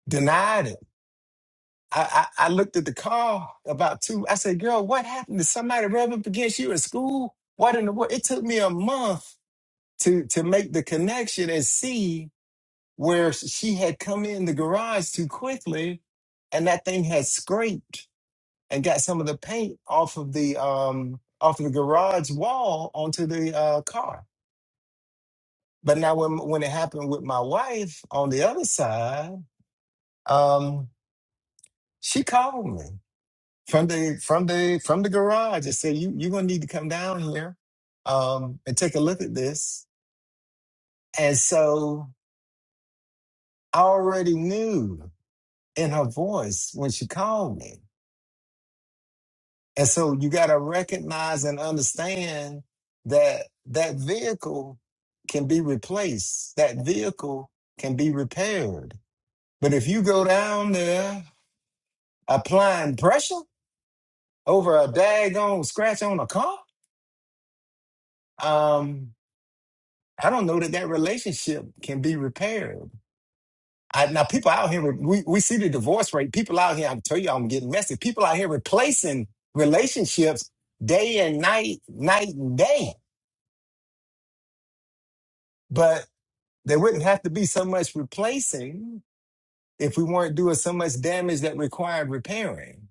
S3: denied it. I, I, I looked at the car about two. I said, "Girl, what happened? Did somebody rev up against you at school? What in the world?" It took me a month to to make the connection and see where she had come in the garage too quickly and that thing had scraped and got some of the paint off of the um off of the garage wall onto the uh, car. But now when when it happened with my wife on the other side, um, she called me from the from the from the garage and said, "You you're gonna need to come down here um, and take a look at this." And so I already knew in her voice when she called me And so you got to recognize and understand that that vehicle can be replaced, that vehicle can be repaired. But if you go down there applying pressure over a daggone scratch on a car, um, I don't know that that relationship can be repaired. I, now, people out here, we, we see the divorce rate. People out here, I tell you, I'm getting messy. People out here replacing relationships day and night, night and day. But There wouldn't have to be so much replacing if we weren't doing so much damage that required repairing.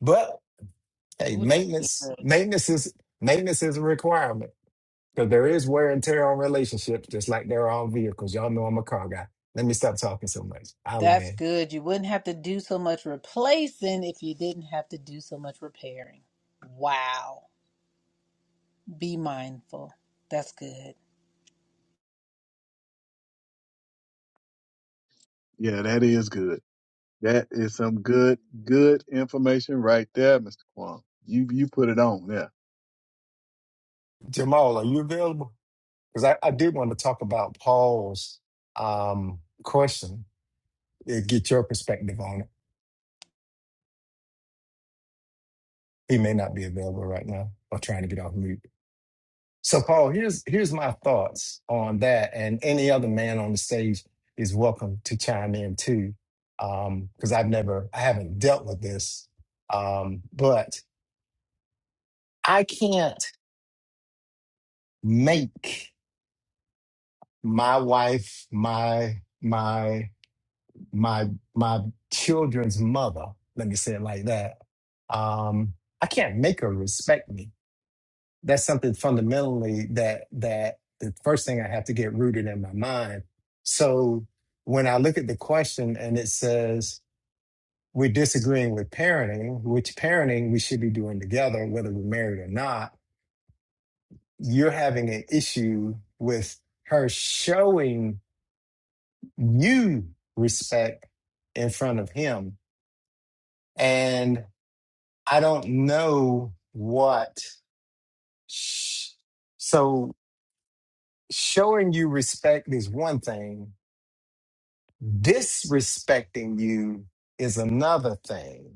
S3: But hey,
S1: Oh, that's
S3: maintenance
S1: good.
S3: maintenance is maintenance is a requirement because there is wear and tear on relationships, just like there are on vehicles. Y'all know I'm a car guy. Let me stop talking so much. I'll
S1: That's
S3: end.
S1: good. You wouldn't have to do so much replacing if you didn't have to do so much repairing. Wow. Be mindful. That's good.
S2: Yeah, that is good. That is some good, good information right there, Mr. Quan. You you put it on there.
S3: Jamal, are you available? Because I, I did want to talk about Paul's um, question, eh, get your perspective on it. He may not be available right now or trying to get off mute. So, Paul, here's here's my thoughts on that, and any other man on the stage is welcome to chime in too, because I've never, I haven't dealt with this, um, but I can't make my wife, my my my my children's mother. Let me say it like that. Um, I can't make her respect me that's something fundamentally that that the first thing I have to get rooted in my mind. So when I look at the question and it says we're disagreeing with parenting, which parenting we should be doing together, whether we're married or not, you're having an issue with her showing you respect in front of him. And I don't know what. sh- So showing you respect is one thing, disrespecting you is another thing.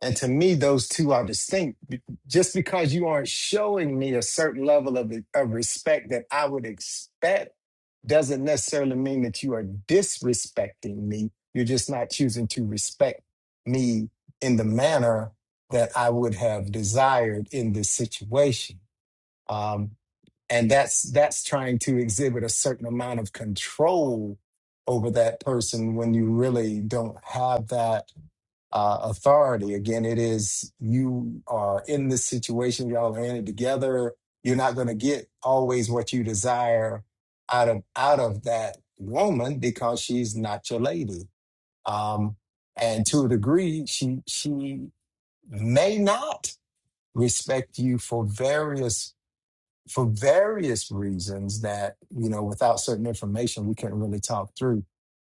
S3: And to me, those two are distinct. Be- Just because you aren't showing me a certain level of, of respect that I would expect doesn't necessarily mean that you are disrespecting me. You're just not choosing to respect me in the manner that I would have desired in this situation. Um, and that's that's trying to exhibit a certain amount of control over that person when you really don't have that uh, authority again it is you are in this situation y'all are in it together you're not going to get always what you desire out of out of that woman because she's not your lady um and to a degree she she may not respect you for various for various reasons that you know without certain information we couldn't really talk through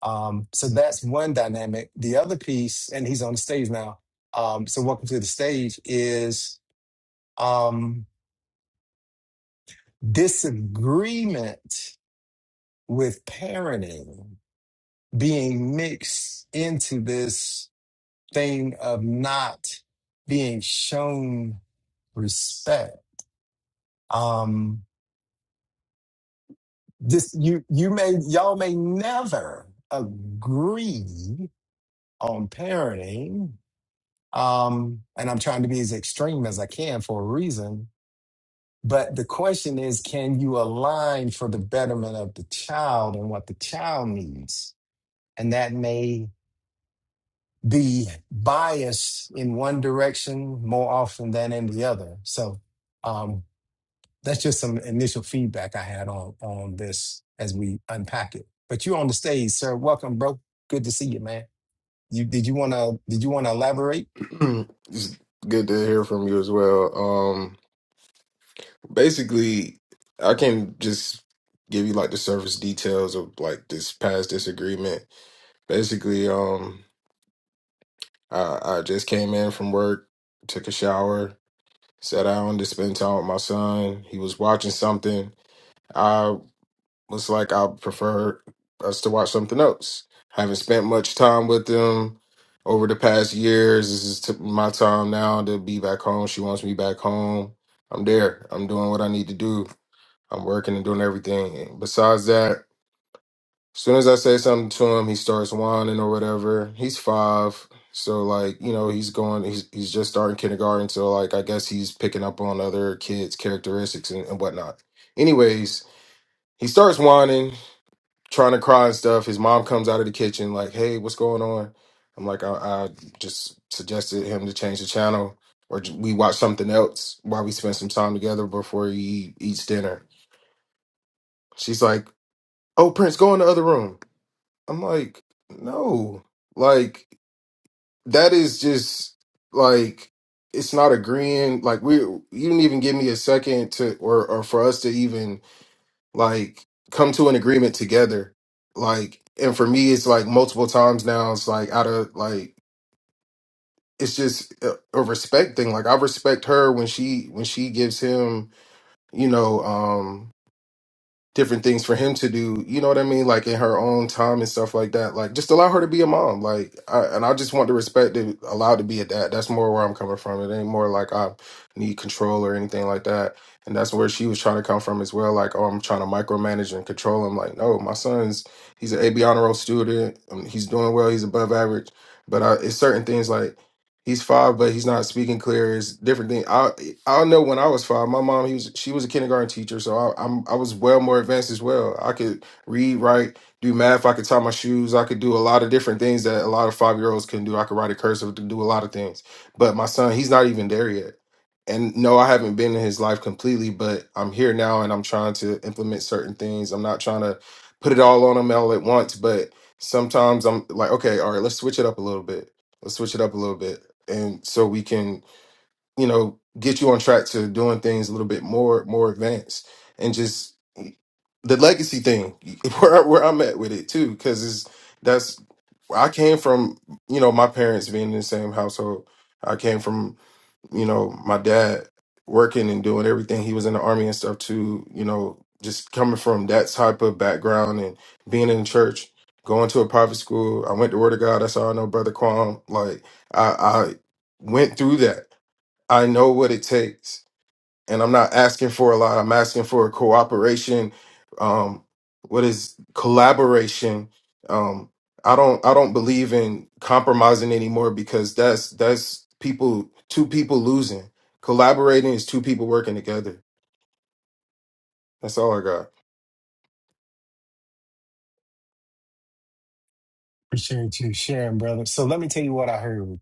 S3: um so that's one dynamic the other piece and he's on the stage now um so welcome to the stage is um disagreement with parenting being mixed into this thing of not being shown respect Um, this you you may y'all may never agree on parenting um and i'm trying to be as extreme as i can for a reason but the question is can you align for the betterment of the child and what the child needs and that may be biased in one direction more often than in the other so um, That's just some initial feedback I had on on this as we unpack it. But you're on the stage, sir. Welcome, bro. Good to see you, man. You did you wanna did you wanna elaborate?
S8: it's good to hear from you as well. Um, basically, I can just give you like the surface details of like this past disagreement. Basically, um, I, I just came in from work, took a shower, sat down to spend time with my son. He was watching something. Looks like I prefer us to watch something else. Haven't spent much time with them over the past years. This is t- my time now to be back home. She wants me back home. I'm there. I'm doing what I need to do. I'm working and doing everything. And besides that, as soon as I say something to him, he starts whining or whatever. He's five. So like, you know, he's going he's he's just starting kindergarten. So like I guess he's picking up on other kids' characteristics and, and whatnot. Anyways, he starts whining trying to cry and stuff. His mom comes out of the kitchen like, "Hey, what's going on?" I'm like, "I, I just suggested him to change the channel, or j- we watch something else while we spend some time together before he eats dinner." She's like, "Oh, Prince, go in the other room." I'm like, "No, like that is just like." It's not agreeing. Like we, you didn't even give me a second to, or or for us to even like come to an agreement together like and for me it's like multiple times now it's like out of like it's just a, a respect thing like i respect her when she when she gives him you know um, different things for him to do, you know what I mean? Like in her own time and stuff like that. Like just allow her to be a mom. Like I, and I just want the respect to allowed to be a dad. That's more where I'm coming from. It ain't more like I need control or anything like that. And that's where she was trying to come from as well. Like, oh, I'm trying to micromanage and control him. Like, no, my son's he's an AB honor roll student. Um, He's doing well. He's above average. But I, it's certain things like he's five, but he's not speaking clear. It's different thing. I I know when I was five, my mom he was she was a kindergarten teacher, so I, I'm I was well more advanced as well. I could read, write, do math. I could tie my shoes. I could do a lot of different things that a lot of five year olds can do. I could write a cursive, to do a lot of things. But my son, he's not even there yet. And no, I haven't been in his life completely, but I'm here now, and I'm trying to implement certain things. I'm not trying to put it all on him all at once, but sometimes I'm like, okay, all right, let's switch it up a little bit let's switch it up a little bit and so we can you know get you on track to doing things a little bit more more advanced and just the legacy thing where where I'm at with it too because it's that's I came from you know my parents being in the same household I came from you know, my dad working and doing everything. He was in the army and stuff too, you know, just coming from that type of background and being in church, going to a private school. I went to Word of God. That's how I know Brother Kwam. Like I, I went through that. I know what it takes and I'm not asking for a lot. I'm asking for cooperation. Um, what is collaboration? Um, I don't I don't believe in compromising anymore because that's that's people two people losing. Collaborating is two people working together. That's all I got.
S3: Appreciate you sharing, brother. So let me tell you what I heard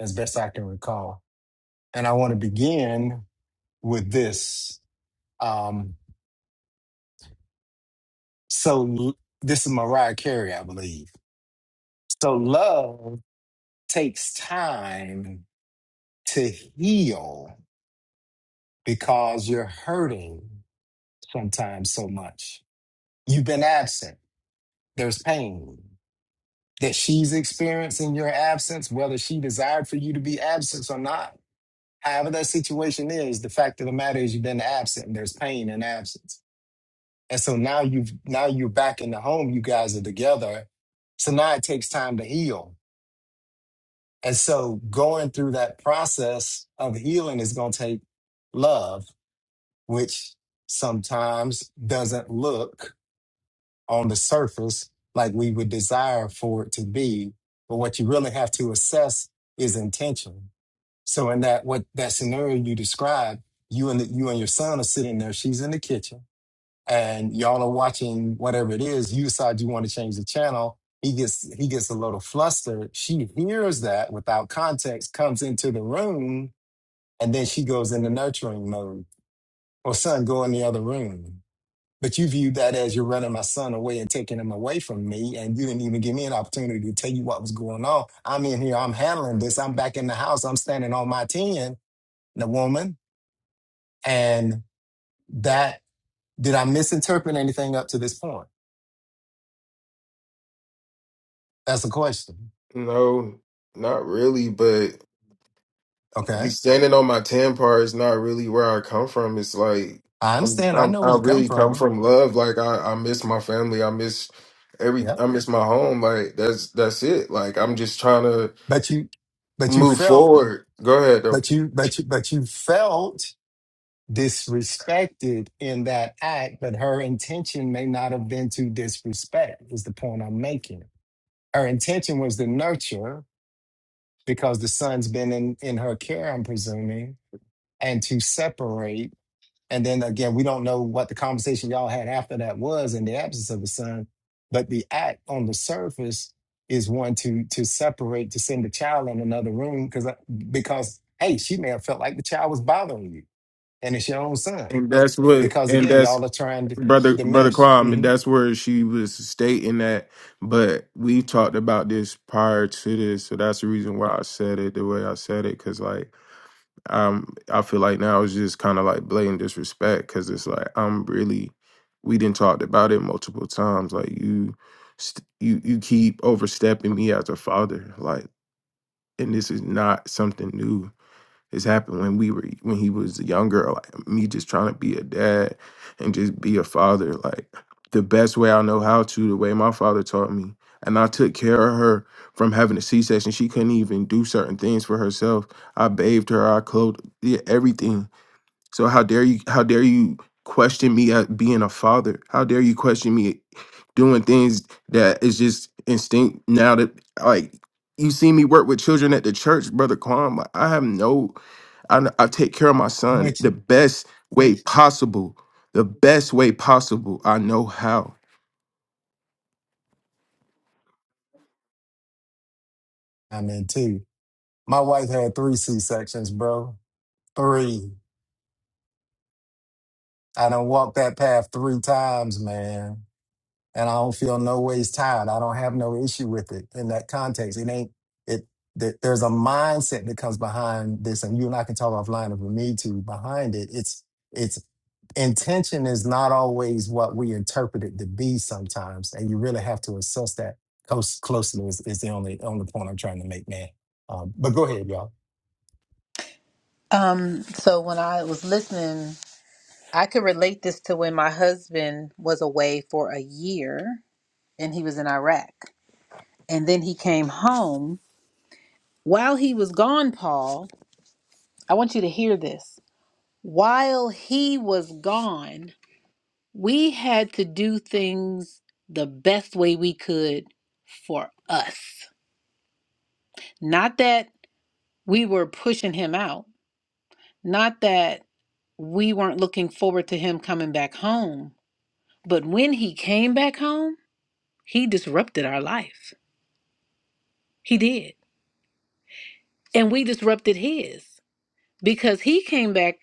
S3: as best I can recall. And I want to begin with this. Um, so l- this is Mariah Carey, I believe. So love takes time to heal because you're hurting sometimes so much You've been absent. There's pain that she's experiencing your absence, whether she desired for you to be absent or not. However, that situation is, the fact of the matter is you've been absent and there's pain in absence. And so now you've now you're back in the home, you guys are together. So now it takes time to heal. And so going through that process of healing is gonna take love, which sometimes doesn't look on the surface like we would desire for it to be. But what you really have to assess is intention. So in that what that scenario you described, you and the, you and your son are sitting there. She's in the kitchen, and y'all are watching whatever it is. You decide you want to change the channel. He gets he gets a little flustered. She hears that without context, comes into the room, and then she goes into nurturing mode. Or son, go in the other room but you viewed that as you're running my son away and taking him away from me, and you didn't even give me an opportunity to tell you what was going on. I'm in here, I'm handling this, I'm back in the house, I'm standing on my 10, the woman. And that, did I misinterpret anything up to this point? That's the question.
S8: No, not really, but
S3: Okay.
S8: be standing on my ten part is not really where I come from. It's like
S3: I
S8: I'm,
S3: understand. I
S8: I'm
S3: know where
S8: I
S3: you come
S8: really come
S3: from.
S8: from love. Like I, I miss my family. I miss every.
S3: Yep.
S8: I miss my home. Like that's that's it. Like I'm just trying to
S3: But you, but you
S8: move
S3: felt,
S8: forward. Go ahead though.
S3: but you, but you, but you felt disrespected in that act, but her intention may not have been to disrespect, is the point I'm making. Her intention was to nurture because the son's been in, in her care, I'm presuming, and to separate. And then again, we don't know what the conversation y'all had after that was in the absence of the son, but the act on the surface is one to to separate, to send the child in another room because because hey, she may have felt like the child was bothering you, and it's your own son
S8: And that's what.
S3: because
S8: And
S3: again,
S8: that's
S3: y'all are trying to,
S8: brother
S3: to
S8: brother
S3: mesh.
S8: Kwame. And
S3: Mm-hmm.
S8: that's where she was stating that. But we talked about this prior to this, so that's the reason why I said it the way I said it. Cause like um i feel like now it's just kind of like blatant disrespect because it's like i'm really we didn't talked about it multiple times like you st- you you keep overstepping me as a father like and this is not something new this happened when we were when he was younger, like me just trying to be a dad and just be a father, like the best way I know how to, the way my father taught me. And I took care of her from having a C section. She couldn't even do certain things for herself. I bathed her, I clothed yeah, everything. So how dare you how dare you question me at being a father? How dare you question me doing things that is just instinct now that like you see me work with children at the church, brother Kwame. Like, I have no I, I take care of my son
S3: Which
S8: the best way possible, the best way possible I know how.
S3: I'm into. My wife had three C sections, bro. Three. I done walked that path three times, man. and I don't feel no ways tired. I don't have no issue with it in that context. It ain't it. Th- there's a mindset that comes behind this, and you and I can talk offline if we need to. Behind it, it's it's intention is not always what we interpret it to be sometimes, and you really have to assess that close, closely. Is, is the only only point I'm trying to make, man. Um, but go ahead, y'all,
S1: Um, so when I was listening, I could relate this to when my husband was away for a year and he was in Iraq. And then he came home. While he was gone, Paul, I want you to hear this. While he was gone, We had to do things the best way we could for us. Not that we were pushing him out, not that we weren't looking forward to him coming back home, but when he came back home, he disrupted our life. He did. And we disrupted his because he came back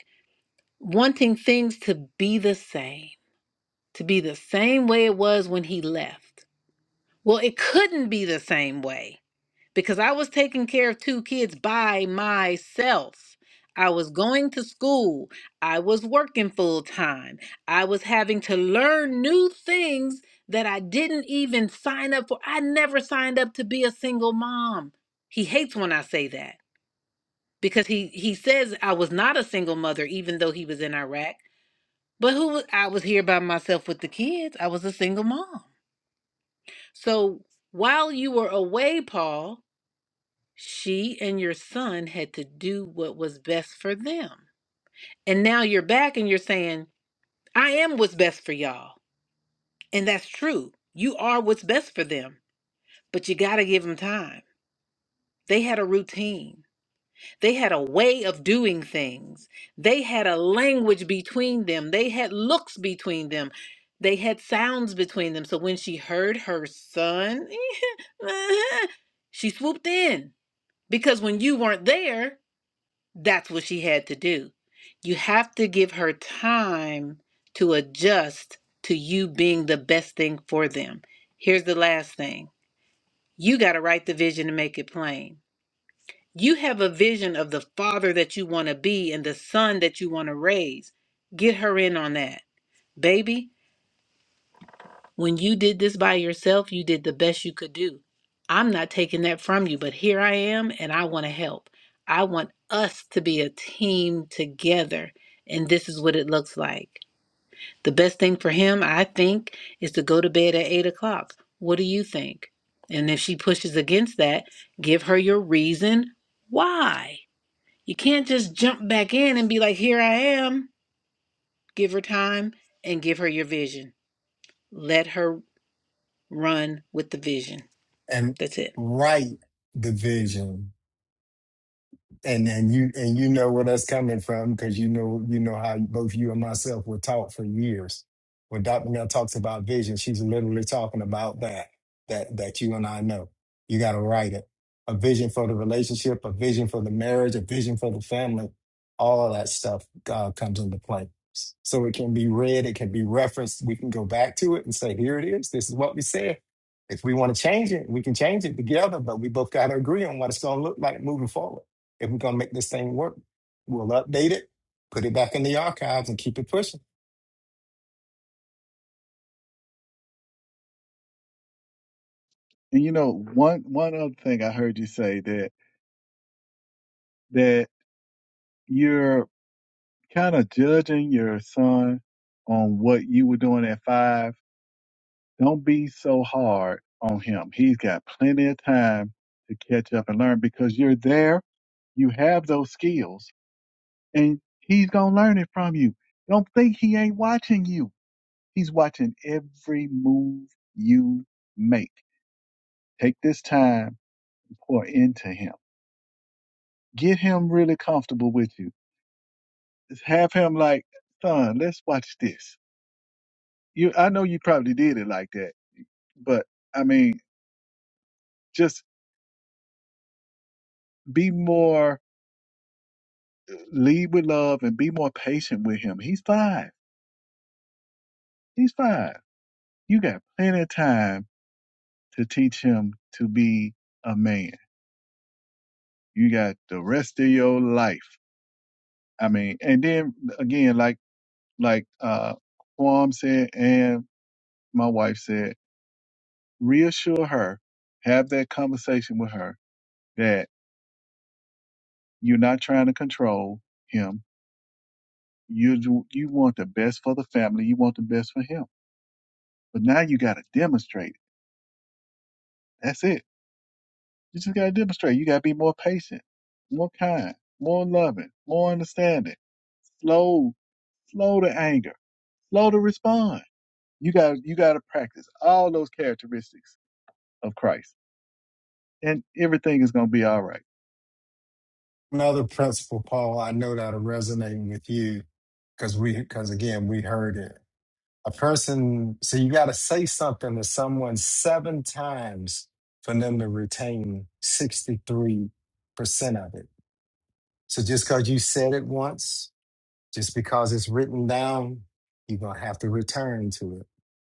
S1: wanting things to be the same, to be the same way it was when he left. Well, it couldn't be the same way because I was taking care of two kids by myself. I was going to school. I was working full time. I was having to learn new things that I didn't even sign up for. I never signed up to be a single mom. He hates when I say that because he he says I was not a single mother even though he was in Iraq. But who was, I was here by myself with the kids. I was a single mom. So while you were away, Paul, She and your son had to do what was best for them. And now you're back and you're saying, I am what's best for y'all. And that's true. You are what's best for them, but you got to give them time. They had a routine, they had a way of doing things, they had a language between them, they had looks between them. They had sounds between them. So when she heard her son, she swooped in because when you weren't there, That's what she had to do. You have to give her time to adjust to you being the best thing for them. Here's the last thing you got to write the vision and make it plain. You have a vision of the father that you want to be and the son that you want to raise. Get her in on that. Baby, When you did this by yourself, you did the best you could do. I'm not taking that from you, but here I am and I want to help. I want us to be a team together, and this is what it looks like. The best thing for him, I think, is to go to bed at eight o'clock. What do you think? And if she pushes against that, give her your reason why. You can't just jump back in and be like, here I am. Give her time and give her your vision. Let her run with the vision.
S3: and
S1: That's it.
S3: write the vision and and you and you know where that's coming from because you know you know how both you and myself were taught for years. When Dr. Mel talks about vision, she's literally talking about that that that you and I know. You got to write it. A vision for the relationship, a vision for the marriage, a vision for the family. All of that stuff uh, comes into play. So it can be read, it can be referenced. We can go back to it and say, here it is. This is what we said. If we want to change it, we can change it together, but we both got to agree on what it's going to look like moving forward. If we're gonna make this thing work, we'll update it, put it back in the archives, and keep it pushing.
S2: And you know, one one other thing I heard you say that that you're kind of judging your son on what you were doing at five. Don't be so hard on him. He's got plenty of time to catch up and learn because you're there. You have those skills and he's gonna learn it from you. Don't think he ain't watching you. He's watching every move you make. Take this time to pour into him. Get him really comfortable with you. Just have him like, son, let's watch this. You, I know you probably did it like that, but I mean, just be more, lead with love and be more patient with him. He's five. He's five. You got plenty of time to teach him to be a man You got the rest of your life. I mean, and then again, like like uh Quam said and my wife said, reassure her, have that conversation with her that you're not trying to control him. You do- you want the best for the family. You want the best for him. But now you got to demonstrate. it. That's it. You just got to demonstrate. You got to be more patient, more kind, more loving, more understanding. Slow, slow to anger, slow to respond You got you got to practice all those characteristics of Christ, and everything is going to be all right.
S3: Another principle, Paul, I know that'll resonate with you because we, because again, we heard it. A person, so you got to say something to someone seven times for them to retain 63% of it. So just because you said it once Just because it's written down, you're going to have to return to it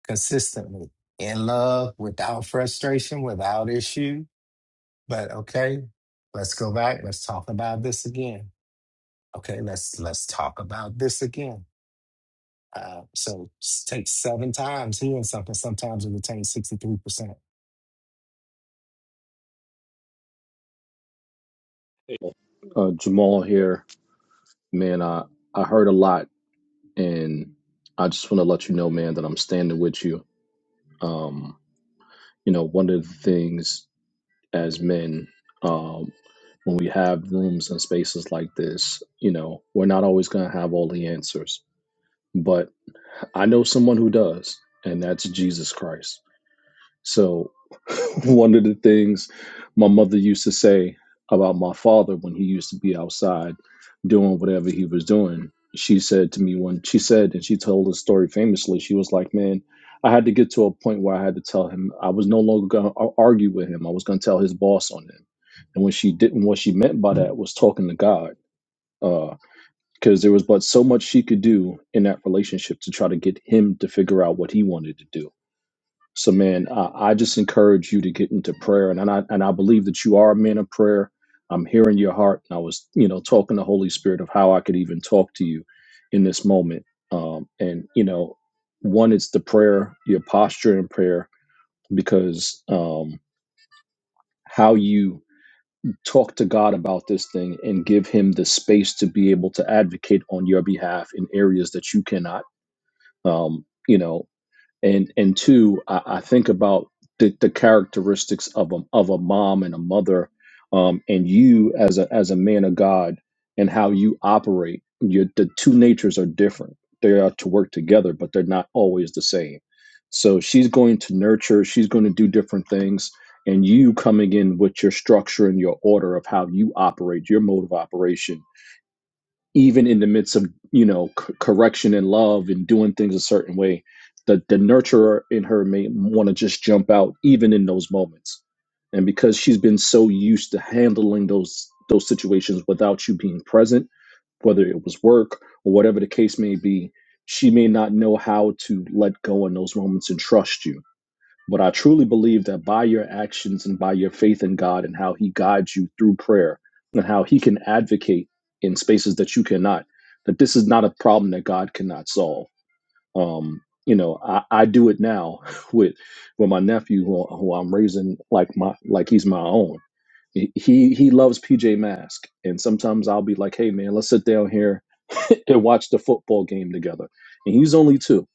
S3: consistently in love, without frustration, without issue. But okay, let's go back. Let's talk about this again. Okay, let's let's talk about this again. Uh, so s- take seven times healing something. Sometimes it retains 63%.
S7: Uh, Jamal here, man. I I heard a lot, and I just want to let you know, man, that I'm standing with you. Um, you know, one of the things as men, um, when we have rooms and spaces like this, you know, we're not always gonna have all the answers, but I know someone who does, and that's Jesus Christ. So, one of the things my mother used to say about my father when he used to be outside doing whatever he was doing, she said to me when she said, and she told the story famously, she was like, Man, I had to get to a point where I had to tell him I was no longer going to argue with him. I was going to tell his boss on him. And when she didn't, what she meant by that was talking to God. Because there was but so much she could do in that relationship to try to get him to figure out what he wanted to do so, man, uh, I just encourage you to get into prayer, and, I and I believe that you are a man of prayer. I'm hearing your heart, and I was, you know, talking to Holy Spirit of how I could even talk to you in this moment. Um, and you know, one, it's the prayer, your posture in prayer, because um, how you talk to God about this thing and give Him the space to be able to advocate on your behalf in areas that you cannot. Um, you know and and two, I, I think about the, the characteristics of a of a mom and a mother, um, and you as a as a man of God and how you operate. Your the two natures are different. They are to work together, but they're not always the same. So she's going to nurture. She's going to do different things, and you coming in with your structure and your order of how you operate, your mode of operation even in the midst of you know c- correction and love and doing things a certain way the the nurturer in her may want to just jump out even in those moments and because she's been so used to handling those those situations without you being present whether it was work or whatever the case may be she may not know how to let go in those moments and trust you but I truly believe that by your actions and by your faith in God and how He guides you through prayer and how He can advocate in spaces that you cannot, that this is not a problem that God cannot solve. Um, you know, I, I do it now with with my nephew who, who I'm raising like my like he's my own he he he loves PJ Masks, and sometimes I'll be like, "Hey man, let's sit down here and watch the football game together." And he's only two,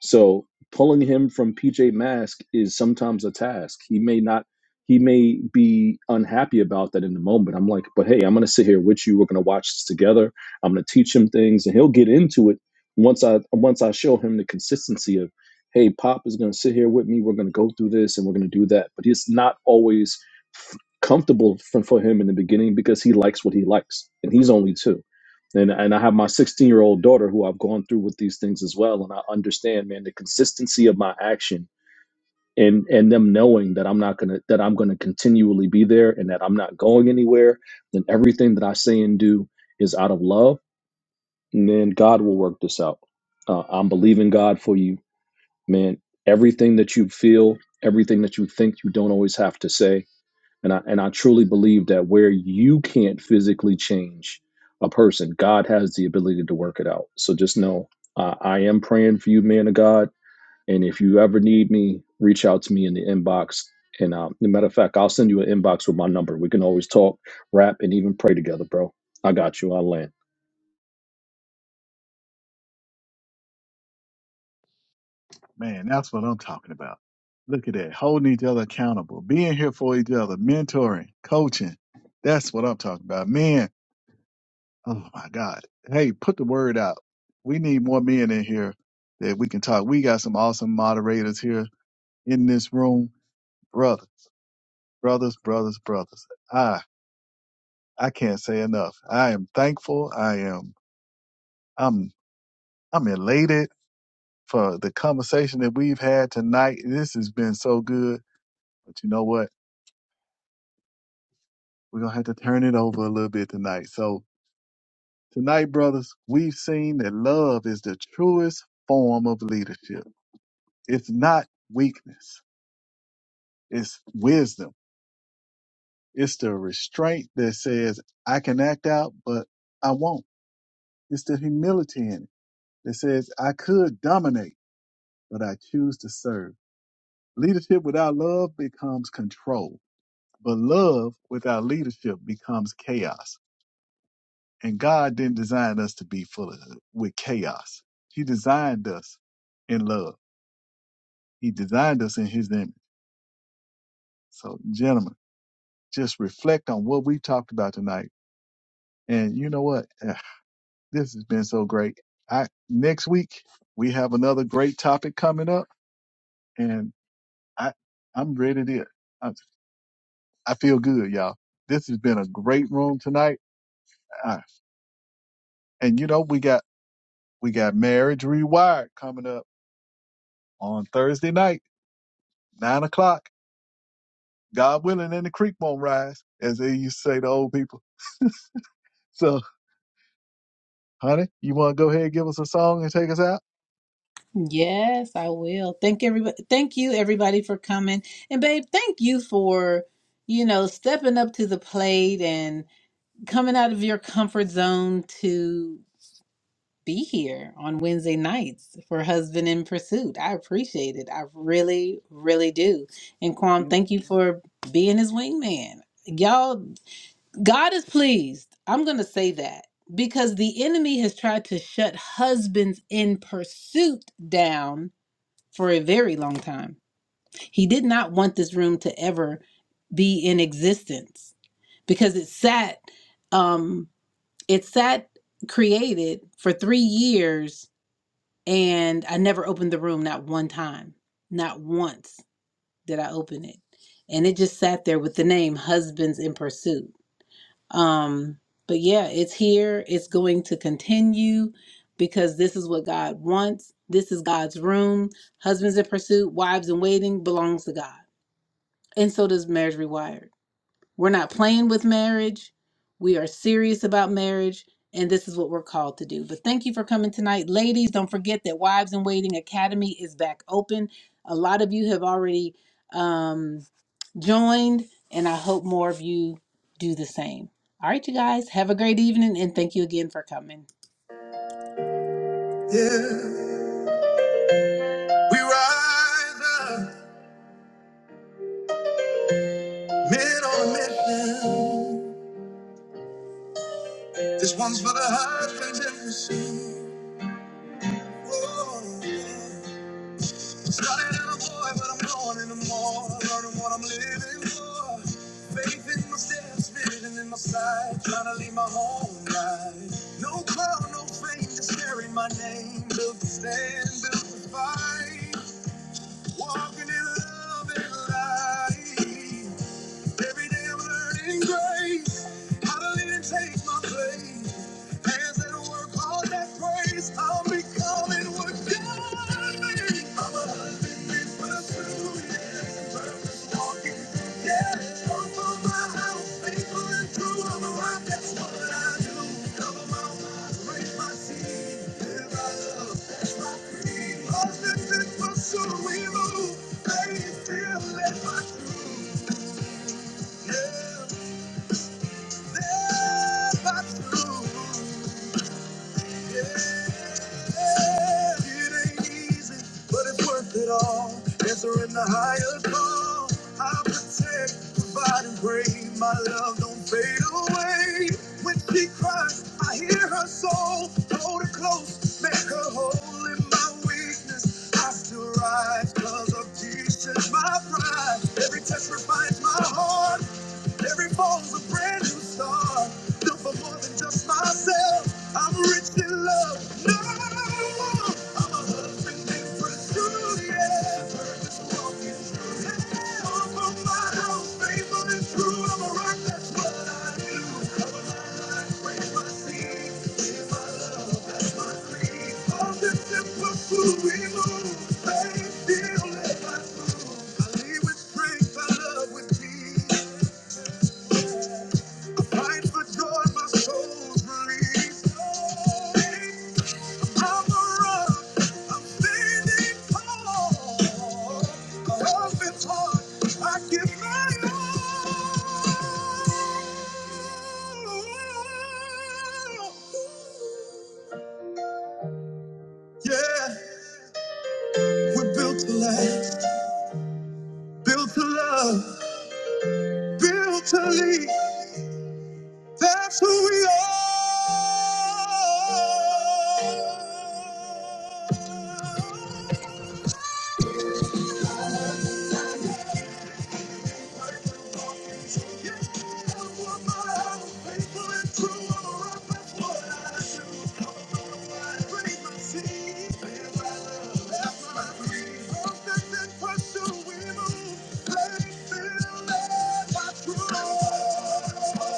S7: so pulling him from PJ Masks is sometimes a task. He may not, he may be unhappy about that in the moment. I'm like, "But hey, I'm gonna sit here with you. We're gonna watch this together. I'm gonna teach him things, and he'll get into it once I once I show him the consistency of." Hey, Pop is going to sit here with me. We're going to go through this and we're going to do that. But it's not always comfortable for, for him in the beginning because he likes what he likes, and he's only two. And and I have my 16 year old daughter who I've gone through with these things as well, and I understand, man, the consistency of my action and and them knowing that I'm not gonna that I'm gonna continually be there and that I'm not going anywhere, then everything that I say and do is out of love, and then God will work this out. Uh, I'm believing God for you, man. Everything that you feel, everything that you think, you don't always have to say and I and I truly believe that where you can't physically change a person, God has the ability to work it out. So just know uh, I am praying for you, man of God and if you ever need me, reach out to me in the inbox. And um, as a matter of fact, I'll send you an inbox with my number. We can always talk, rap, and even pray together, bro. I got you. I'll land.
S2: Man, that's what I'm talking about. Look at that, holding each other accountable, being here for each other, mentoring, coaching. That's what I'm talking about, man. Oh my God! Hey, put the word out. We need more men in here that we can talk. We got some awesome moderators here in this room, brothers, brothers, brothers, brothers. I I can't say enough. I am thankful. I am I'm I'm elated. for the conversation that we've had tonight. This has been so good. But you know what? We're going to have to turn it over a little bit tonight. So, tonight, brothers, we've seen that love is the truest form of leadership. It's not weakness, it's wisdom. It's the restraint that says, I can act out, but I won't. It's the humility in it that says, I could dominate, but I choose to serve. Leadership without love becomes control But love without leadership becomes chaos. And God didn't design us to be full of with chaos. He designed us in love. He designed us in his image. So gentlemen, just reflect on what we talked about tonight. And you know what? Eh, This has been so great. I next week we have another great topic coming up and I I'm ready to I, I feel good, y'all. This has been a great room tonight. I, and you know, we got We got Marriage Rewired coming up on Thursday night, nine o'clock. God willing, and the creek won't rise, as they used to say to old people. So, honey, you want to go ahead and give us a song and take us out?
S1: Yes, I will. Thank everybody. Thank you, everybody, for coming. And babe, thank you for, you know, stepping up to the plate and coming out of your comfort zone to be here on Wednesday nights for Husband in Pursuit. I appreciate it. I really, really do. And
S2: You
S1: Kwam, thank you for being his wingman. Y'all, God is pleased. I'm going to say that because the enemy has tried to shut husbands in pursuit down for a very long time. He did not want this room to ever be in existence because it sat um it sat created for 3 years and I never opened the room not one time. Not once did I open it. And it just sat there with the name Husbands in Pursuit. Um, but yeah, it's here. It's going to continue because this is what God wants. This is God's room. Husbands in pursuit, wives in waiting belongs to God. And so does marriage rewired. We're not playing with marriage. We are serious about marriage. And this is what we're called to do. But thank you for coming tonight. Ladies, don't forget that Wives in Waiting Academy is back open. A lot of you have already. Um, joined, and I hope more of you do the same. All right, you guys, have a great evening, and thank you again for coming. Yeah, we rise up, men on a mission. This one's for the husbands and the sons. Started out a boy, but I'm growing in the more. Learning what I'm living for. Faith in my steps, spinning in my side. Trying to leave my home right. No crown, no fame, just carry my name. Built to stand, built to fight. Walking in love and light. Every day I'm learning grace. How to live and take my place. Hands that work, all that praise. I'm becoming what God made. I'm a husband made for the two years. Purpose walking. Yeah, come for my house. Faithful and true. I'm a rock. That's what I do. Cover my mouth, raise my seed. Live by love. That's my creed. Husband and pursuit. We move. Faith, fearless, my truth. Yeah. Answering the higher call, I protect, provide, and pray. My love don't fade away. When she cries, I hear her soul. Hold her close, make her whole in my weakness. I still rise, cause of Jesus, my pride. Every touch refines my heart. Every fall's a brand new start. Built for more than just myself. I'm rich in love. No, I'm a husband in pursuit. Yes, purpose walking through hell. For my house, faithful and true. I'm a rock. That's what I do. Cover my life, plant my seed. Give my love. That's my creed. All this simple food we move. Faith, deal, let my food. I lead with strength. I love with peace. Fight for joy, my soul's released. I'm a rock, I'm standing tall. Love is hard, I give my all. Yeah, we're built to last, built to love, built to lead. That's who we are. Yeah.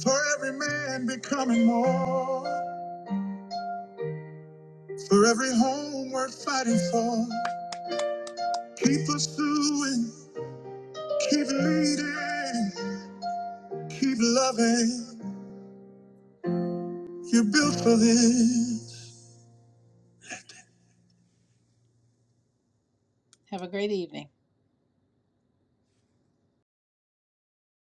S1: For every man becoming more, for every home worth fighting for, keep pursuing, keep leading, keep loving. You're built for this. Have a great evening.